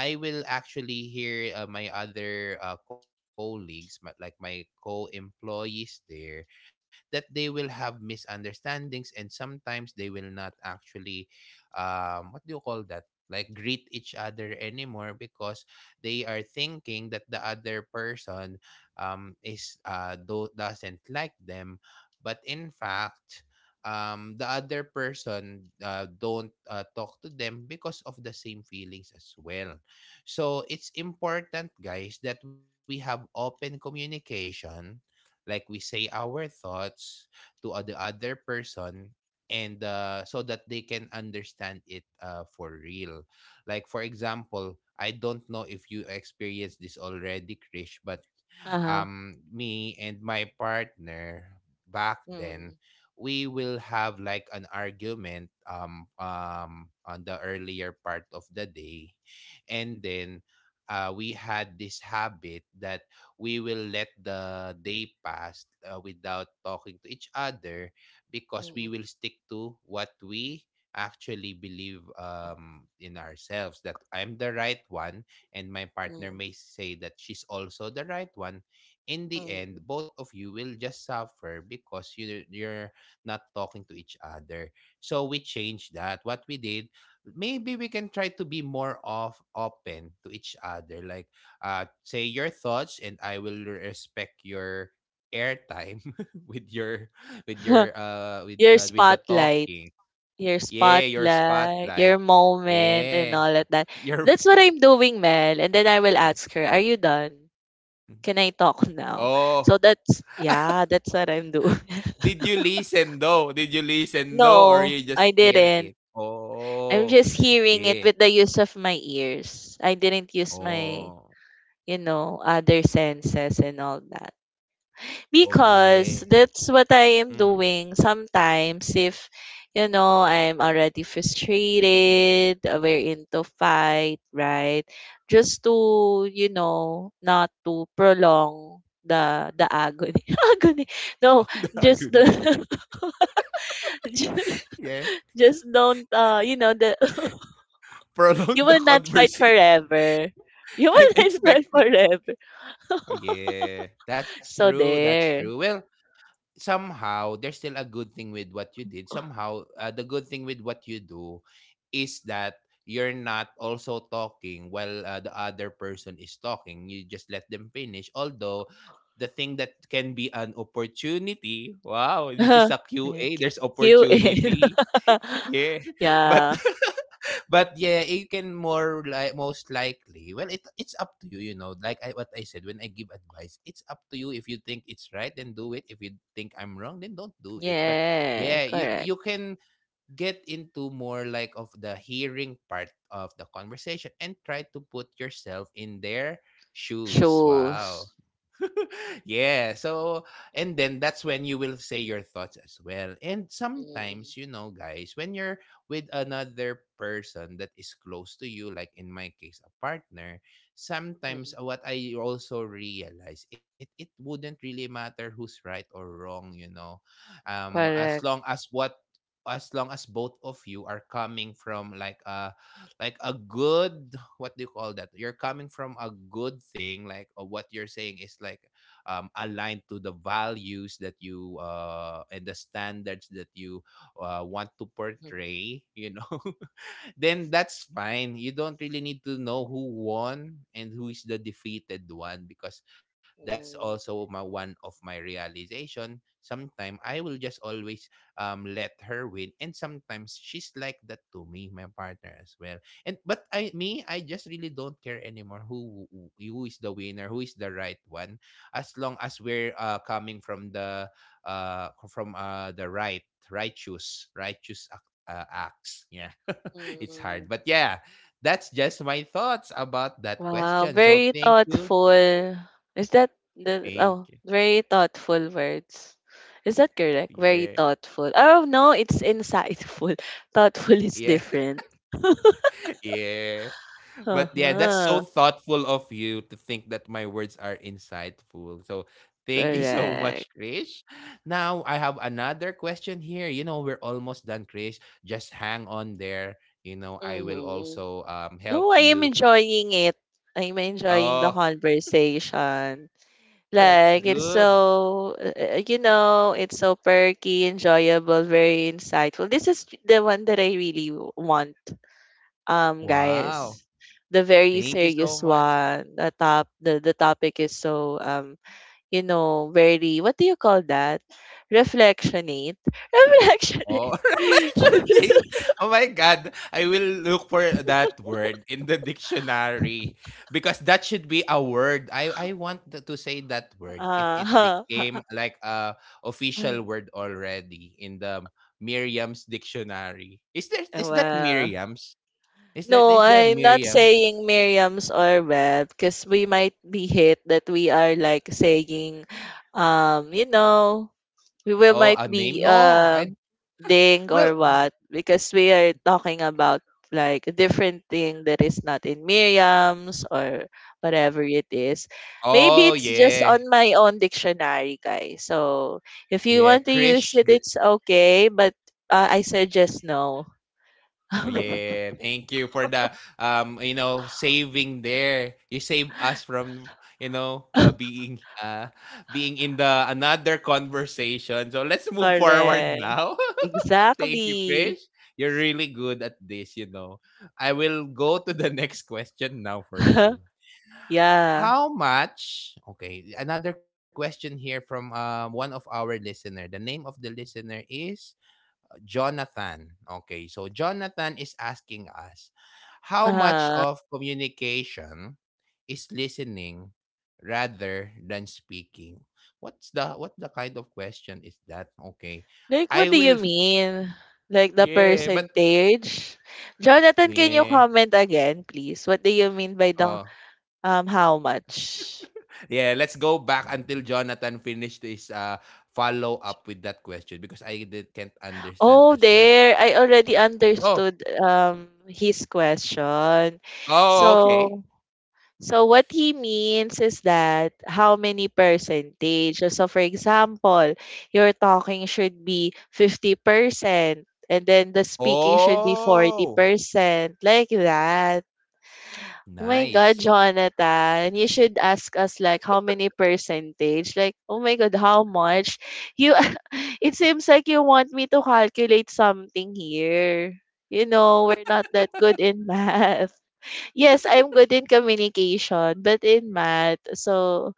S1: I will actually hear uh, my other uh, colleagues, my, like my co-employees there, that they will have misunderstandings, and sometimes they will not actually, um, what do you call that, like greet each other anymore, because they are thinking that the other person um, is uh, do- doesn't like them, but in fact, um, the other person uh, don't uh, talk to them because of the same feelings as well. So it's important, guys, that we have open communication, like we say our thoughts to o- the other person and uh, so that they can understand it uh, for real. Like for example, I don't know if you experienced this already, Krish, but
S2: uh-huh.
S1: um me and my partner back then,
S2: Mm.
S1: we will have like an argument um um on the earlier part of the day, and then uh, we had this habit that we will let the day pass uh, without talking to each other, because
S2: Mm.
S1: we will stick to what we actually believe um, in ourselves, that I'm the right one and my
S2: Mm.
S1: partner may say that she's also the right one. In the
S2: Mm.
S1: end, both of you will just suffer, because you you're not talking to each other. So we changed that. What we did, maybe we can try to be more of open to each other, like uh say your thoughts, and I will respect your airtime *laughs* with your with
S2: *laughs*
S1: your uh with
S2: Your
S1: uh, with the
S2: spotlight,
S1: talking.
S2: your
S1: Yeah, your
S2: spotlight, your
S1: spotlight.
S2: moment, and
S1: Yeah,
S2: all of that.
S1: your
S2: That's what I'm doing, Mel. And then I will ask her, are you done? Can I talk now?
S1: oh.
S2: So that's, yeah, that's what I'm doing. *laughs*
S1: Did you listen though? Did you listen though or you
S2: No,
S1: just
S2: I
S1: hear
S2: didn't.
S1: it?
S2: I'm
S1: Oh
S2: just hearing it
S1: yeah.
S2: with the use of my ears. I didn't use my,
S1: Oh.
S2: you know, other senses and all that.
S1: Oh yeah.
S2: Because that's what I am
S1: Mm.
S2: doing sometimes if you know I'm already frustrated, uh, we're into fight, right? Just to, you know, not to prolong the the agony. *laughs* Agony.
S1: *laughs*
S2: No,
S1: Oh, the
S2: just
S1: agony.
S2: the *laughs* ju-
S1: *laughs* Yeah.
S2: just don't uh you know, the *laughs*
S1: Prolong
S2: you will
S1: the
S2: not fight
S1: conversation.
S2: forever. You
S1: *laughs*
S2: will
S1: I'm
S2: *laughs* not fight
S1: expecting.
S2: forever.
S1: Oh yeah, that's
S2: So
S1: true. That's true.
S2: there.
S1: Well, somehow there's still a good thing with what you did. Somehow, uh, the good thing with what you do is that you're not also talking while uh, the other person is talking. You just let them finish. Although the thing that can be an opportunity. Wow, this is a
S2: *laughs* Ayan,
S1: Q A. There's
S2: Q QA. *laughs*
S1: opportunity. Yeah, *laughs* but
S2: Yeah.
S1: *laughs* but yeah, you can more like most likely. Well, it it's up to you, you know. Like I, what I said, when I give advice, it's up to you. If you think it's right, then do it. If you think I'm wrong, then don't do it. But
S2: Yeah,
S1: yeah, you
S2: correct.
S1: you can get into more like of the hearing part of the conversation and try to put yourself in their shoes.
S2: Shows.
S1: Wow. *laughs* Yeah. So, and then that's when you will say your thoughts as well. And
S2: Mm,
S1: sometimes, you know, guys, when you're with another person that is close to you, like in my case, a partner,
S2: mm.
S1: sometimes what I also realize, it, it wouldn't really matter who's right or wrong, you know, um, as
S2: Correct.
S1: long as what as long as both of you are coming from like a like a good, what do you call that, you're coming from a good thing, like uh, what you're saying is like um, aligned to the values that you uh, and the standards that you uh, want to
S2: Mm,
S1: portray, you know. *laughs* Then that's fine. You don't really need to know who won and who is the defeated one, because that's
S2: mm,
S1: also my one of my realization. Sometimes I will just always um let her win, and sometimes she's like that to me, my partner as well. And but I, me, I just really don't care anymore who who who is the winner, who is the right one, as long as we're uh, coming from the uh from uh the right righteous righteous uh, acts. Yeah, *laughs* it's
S2: mm.
S1: hard, but yeah, that's just my thoughts about that
S2: Wow,
S1: question. So
S2: very
S1: thank you,
S2: thoughtful. Is that the
S1: thank you.
S2: oh, Very thoughtful words. Is that correct? Very
S1: Yeah,
S2: thoughtful. Oh, no, it's insightful. *laughs* Thoughtful is
S1: yeah,
S2: different. *laughs*
S1: *laughs* yeah. But yeah, that's so
S2: Uh-huh.
S1: thoughtful of you to think that my words are insightful. So thank you so
S2: Correct.
S1: much, Krish. Now I have another question here. You know, we're almost done, Krish. Just hang on there. You know, I will
S2: Mhm.
S1: also um
S2: No,
S1: help
S2: I am
S1: you.
S2: enjoying it. I'm enjoying the
S1: Oh,
S2: conversation. Like
S1: that's
S2: it's
S1: good.
S2: so uh, uh, you know, it's so perky, enjoyable, very insightful. This is the one that I really w- want. Um, guys,
S1: Wow.
S2: the very
S1: Thank you
S2: serious
S1: so much.
S2: one. The top the, the topic is so um you know, very, what do you call that? Reflectionate. *laughs*
S1: Oh, *laughs*
S2: Reflectionate.
S1: reflection
S2: *laughs*
S1: date. Oh my God. I will look for that word in the dictionary because that should be a word. I, I want th- to say that word if it
S2: uh,
S1: became like a official
S2: *laughs*
S1: word already in the Miriam's dictionary. Is there, is that
S2: well,
S1: Miriam's? Is there,
S2: no,
S1: is there
S2: I'm not
S1: Miriam?
S2: saying Miriam's or Bev because we might be hit that we are like saying, um, you know, we will
S1: Oh,
S2: might
S1: a name?
S2: be
S1: No.
S2: uh
S1: I,
S2: ding or
S1: well.
S2: what, because we are talking about like a different thing that is not in Miriam's or whatever it is. Maybe
S1: Oh
S2: it's just
S1: yeah,
S2: on my own dictionary, guys. So if
S1: yeah.
S2: you want to
S1: Krish.
S2: use it, it's okay, but uh, I suggest no.
S1: Oh,
S2: *laughs*
S1: yeah, thank you for the um you know saving there. You save us from, you know, uh, being uh being in the another conversation. So let's move forward
S2: Correct.
S1: now. *laughs* Thank you,
S2: Exactly.
S1: Krish. You're really good at this, you know. I will go to the *laughs* next question now for you.
S2: *laughs* Yeah.
S1: How much? Okay, another question here from uh, one of our listener. The name of the listener is Jonathan. Okay, so Jonathan is asking us, how much
S2: Uh-huh.
S1: of communication is listening rather than speaking? What's the, what the kind of question is that? Okay.
S2: Like,
S1: I
S2: what do
S1: will
S2: you mean?
S1: *laughs*
S2: Like the
S1: yeah, but
S2: percentage? Jonathan, can you
S1: yeah.
S2: comment again, please? What do you mean by the
S1: Oh.
S2: um how much?
S1: Yeah, let's go back until Jonathan finished his uh follow up with that question because I did, can't understand
S2: Oh,
S1: as well.
S2: there. I already
S1: Oh.
S2: understood um his question.
S1: Oh, okay.
S2: So, so what he means is that how many percentage. So for example, your talking should be fifty percent and then the speaking should be
S1: Oh.
S2: forty percent, like that. Oh my God,
S1: Nice.
S2: Jonathan, you should ask us like, how many percentage? Like, oh my God, how much? You *laughs* it seems like you want me to calculate something here. You know, we're not that good in *laughs* math. Yes, I'm good in communication, but in math. So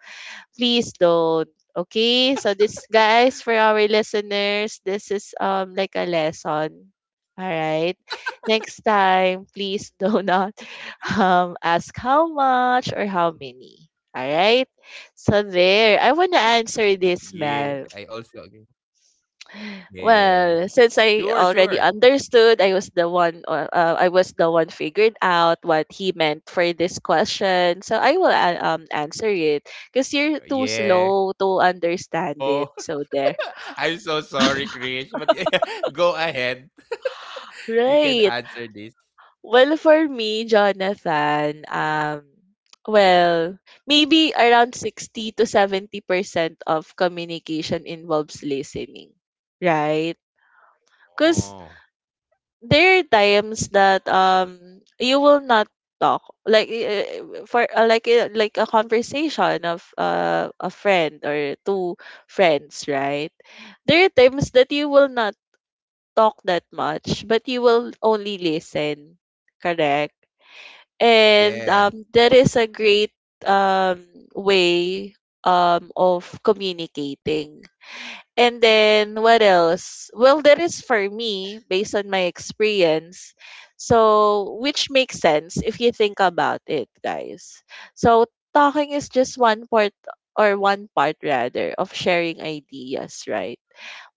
S2: please don't. Okay? So this, guys, for our listeners, this is um like a lesson. All right. Next time, please do not *laughs* um ask how much or how many. All right?
S1: Yeah,
S2: So
S1: I
S2: there, I
S1: also
S2: want to
S1: agree.
S2: answer this, Mel.
S1: Yeah.
S2: Well, since I
S1: Sure,
S2: already
S1: sure.
S2: understood, I was the one uh, uh, I was the one figured out what he meant for this question. So I will uh, um answer it because you're too
S1: Yeah.
S2: slow to understand
S1: Oh,
S2: it. So there.
S1: *laughs* I'm so sorry, Krish, but yeah, *laughs* go ahead. You can
S2: Right.
S1: answer this.
S2: Well, for me, Jonathan, um well, maybe around sixty to seventy percent of communication involves listening. Right? Because
S1: Oh.
S2: there are times that um you will not talk, like uh, for uh, like uh, like a conversation of uh, a friend or two friends, right? There are times that you will not talk that much, but you will only listen, correct. And
S1: Yeah.
S2: um that is a great um way um of communicating. And then what else? Well, that is for me based on my experience. So, which makes sense if you think about it, guys. So, talking is just one part, or one part rather, of sharing ideas, right?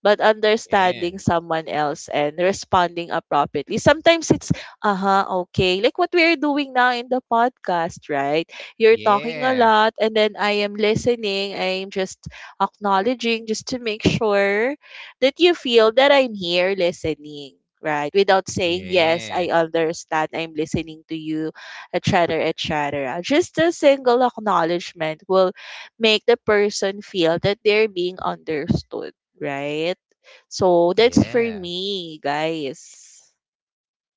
S2: But understanding
S1: Yeah.
S2: someone else and responding appropriately. Sometimes it's, uh huh, okay. Like what we're doing now in the podcast, right? You're talking a
S1: Yeah.
S2: lot, and then I am listening. I'm just acknowledging, just to make sure that you feel that I'm here listening. Right, without saying yes,
S1: Yeah.
S2: I understand, I'm listening to you, et cetera, et cetera. Just a single acknowledgement will make the person feel that they're being understood, right? So that's for
S1: Yeah.
S2: me, guys.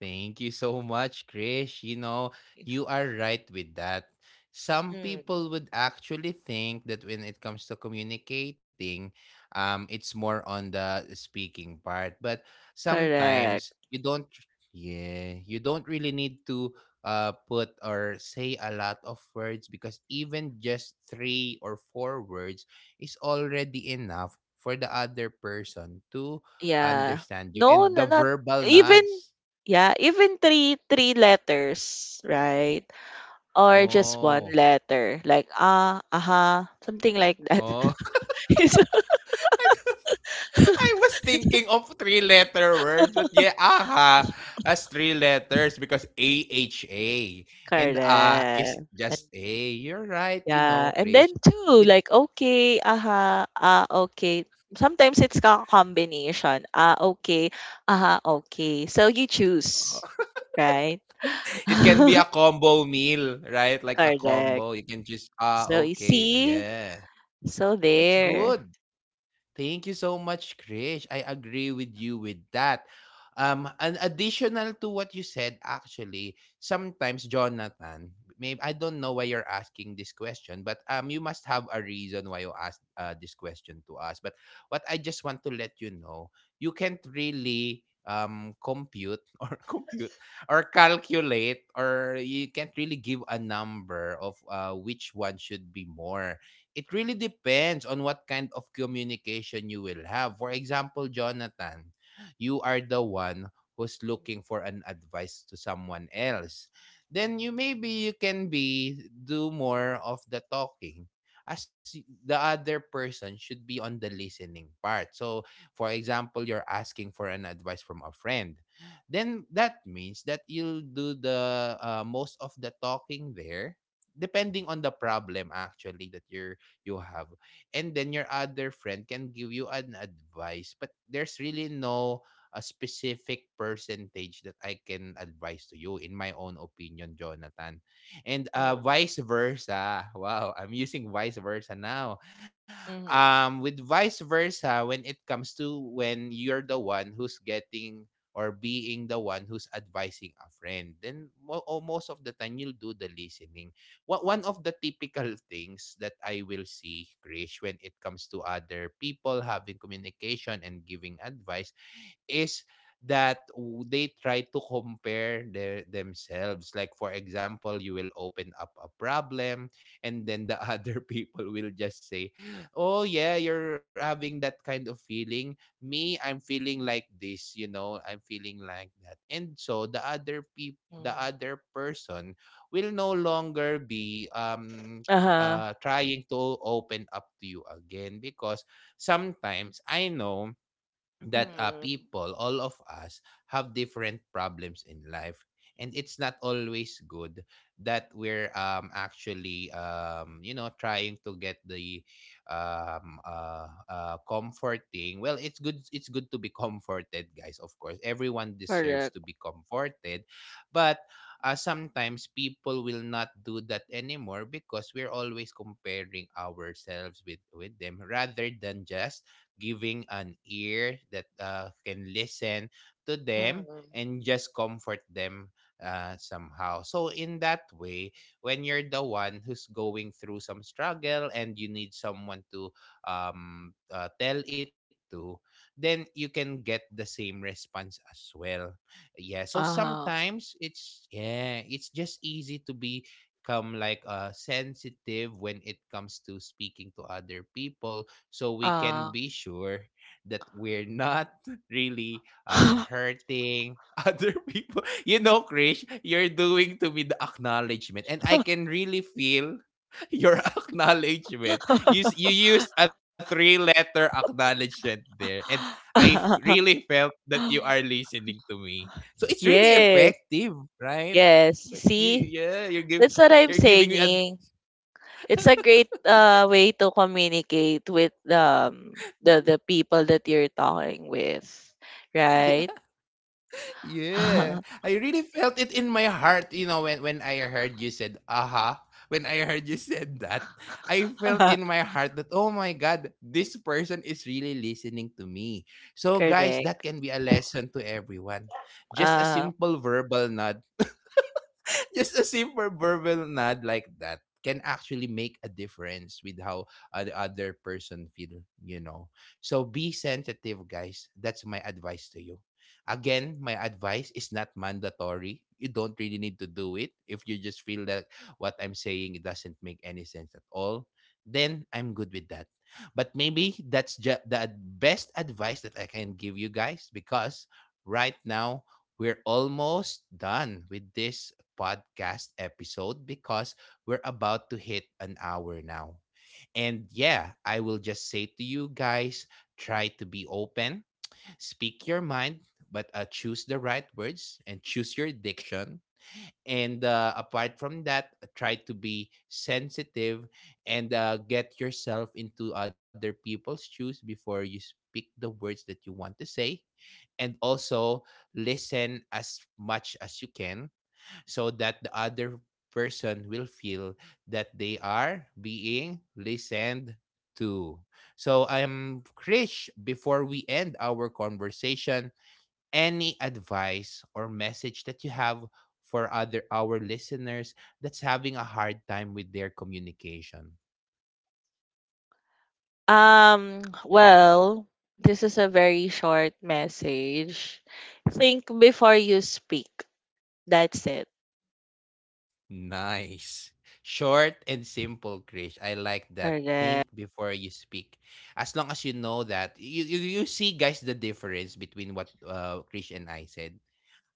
S1: Thank you so much, Krish. You know, you are right with that. Some
S2: Mm,
S1: people would actually think that when it comes to communicating, um, it's more on the speaking part. But sometimes
S2: correct.
S1: you don't, yeah, you don't really need to uh, put or say a lot of words, because even just three or four words is already enough for the other person to
S2: Yeah.
S1: understand you.
S2: No,
S1: And
S2: no,
S1: the
S2: not
S1: verbal
S2: even,
S1: nods.
S2: yeah, even three three letters, right? Or just one
S1: Oh,
S2: letter, like ah, aha, something like that.
S1: oh.
S2: *laughs* It's-
S1: *laughs* I was I was thinking of three-letter words, but yeah, AHA has three letters, because A H A and A is
S2: correct.
S1: just A. You're right, you
S2: Yeah,
S1: know,
S2: and then
S1: Krish.
S2: too,
S1: It
S2: like okay, aha, ah, okay. Sometimes it's a combination. Ah, okay, aha, okay. So you choose,
S1: *laughs*
S2: right?
S1: it can be
S2: *laughs*
S1: a combo meal, right? Like a
S2: Correct.
S1: combo. You can just, ah,
S2: So you
S1: okay. Oh,
S2: see,
S1: yeah,
S2: so
S1: that's
S2: there.
S1: good. Thank you so much, Krish. I agree with you with that. Um, an additional to what you said, actually, sometimes Jonathan, maybe I don't know why you're asking this question, but um, you must have a reason why you asked uh, this question to us. But what I just want to let you know, you can't really um compute *laughs* or compute or calculate, or you can't really give a number of uh, which one should be more. It really depends on what kind of communication you will have. For example, Jonathan, you are the one who's looking for an advice to someone else. Then you, maybe you can be do more of the talking as y- the other person should be on the listening part. So, for example, you're asking for an advice from a friend. Then that means that you'll do the uh, most of the talking there, depending on the problem actually that you're you have, and then your other friend can give you an advice, but there's really no a specific percentage that I can advise to you in my own opinion, Jonathan. And uh,
S2: Mm.
S1: vice versa. Wow, I'm using vice versa now
S2: Mm-hmm.
S1: um with vice versa. When it comes to when you're the one who's getting or being the one who's advising a friend, then mo- oh, most of the time you'll do the listening. Wha- one of the typical things that I will see, Krish, when it comes to other people having communication and giving advice is that w- they try to compare their themselves. Like for example, you will open up a problem, and then the *laughs* other people will just say, oh yeah, you're having that kind of feeling, me, I'm feeling like this, you know, I'm feeling like that. And so the other people, the
S2: Mm.
S1: other person will no longer be um
S2: Uh-huh.
S1: uh trying to open up to you again, because sometimes I know that uh,
S2: Mm.
S1: people, all of us, have different problems in life. And it's not always good that we're um, actually, um, you know, trying to get the um, uh, uh, comforting. Well, it's good. It's good to be *laughs* comforted, guys. Of course, everyone deserves
S2: Correct.
S1: to be comforted, but uh, sometimes people will not do that anymore, because we're always comparing ourselves with with them rather than just giving an ear that uh, can listen to them
S2: Mm.
S1: and just comfort them uh, somehow. So, in that way, when you're the one who's going through some struggle and you need someone to um, uh, tell it to, then you can get the same response as well. Yeah. So
S2: Uh-huh.
S1: sometimes it's, yeah, it's just easy to become like uh sensitive when it comes to speaking to other people, so we can
S2: Uh.
S1: be sure that we're not *laughs* really um hurting *laughs* other people. You know, Krish, you're doing to me the acknowledgement, and I can really feel *laughs* your acknowledgement. You s- you used a three letter acknowledgement there, and I f-
S2: *laughs*
S1: really felt that you are listening to me. So it's really
S2: Yes.
S1: effective, right?
S2: Yes. You
S1: Like
S2: see?
S1: you, yeah, you're give
S2: That's what I'm
S1: you're giving me a
S2: saying. It's a great uh, way to communicate with um, the the people that you're talking with,
S1: *laughs* yeah.
S2: right?
S1: Yeah,
S2: *laughs*
S1: I really felt it in my heart, you know, when when I heard you said aha, when I heard you said that, I felt in my heart that, oh my god, this person is really listening to me. So guys, that
S2: Correct.
S1: can be a lesson to everyone. Just a
S2: Uh,
S1: simple verbal nod, *laughs* just a simple verbal nod like that can actually make a difference with how uh, the other person feel, you know. So be sensitive, guys. That's my advice to you. Again, my advice is not mandatory. You don't really need to do it if you just feel that what I'm saying doesn't make any sense at all, then I'm good with that. But maybe that's just the best advice that I can give you, guys, because right now we're almost done with this podcast episode, because we're about to hit an hour now. And yeah, I will just say to you guys, try to be open, speak your mind, but uh, choose the right words and choose your diction. And uh, apart from that, try to be sensitive and uh, get yourself into other people's shoes before you speak the words that you want to say. And also listen as much as you can, so that the other person will feel that they are being listened to. So I'm Krish, before we end our conversation, any advice or message that you have for other our listeners that's having a hard time with their communication?
S2: um. Well, this is a very short message. Think before you speak. That's it.
S1: Nice. Short and simple, Krish. I like that.
S2: Correct.
S1: Think before you speak. As long as you know that, you, you, you, see, guys, the difference between what uh, Krish and I said.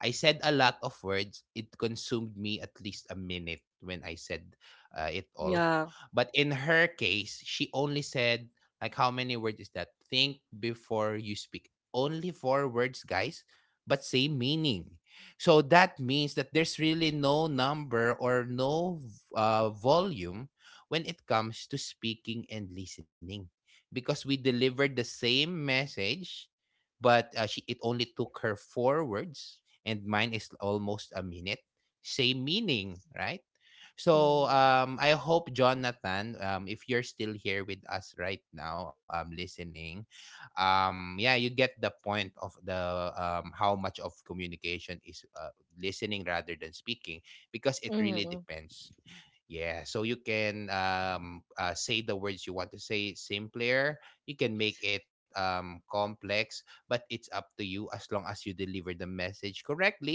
S1: I said a lot of words. It consumed me at least a minute when I said uh, it all.
S2: Yeah.
S1: But in her case, she only said, like, how many words is that? Think before you speak. Only four words, guys, but same meaning. So that means that there's really no number or no uh, volume when it comes to speaking and listening, because we delivered the same message, but uh, she, it only took her four words, and mine is almost a minute. Same meaning, right? So
S2: Mm-hmm.
S1: um I hope Jonathan, um if you're still here with us right now, um listening, um yeah, you get the point of the, um how much of communication is uh, listening rather than speaking, because it really
S2: Mm-hmm.
S1: depends. Yeah, so you can um, uh, say the words you want to say simpler. You can make it um, complex, but it's up to you, as long as you deliver the message correctly.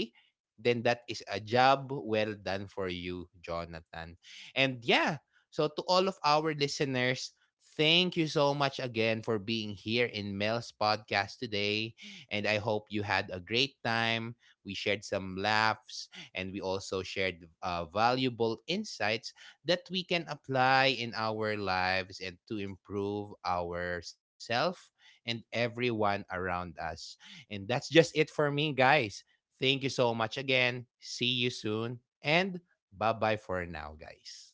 S1: Then that is a job well done for you, Jonathan. And yeah, so to all of our listeners, thank you so much again for being here in Mel's podcast today. And I hope you had a great time. We shared some laughs, and we also shared uh, valuable insights that we can apply in our lives and to improve ourselves and everyone around us. And that's just it for me, guys. Thank you so much again. See you soon. And bye bye for now, guys.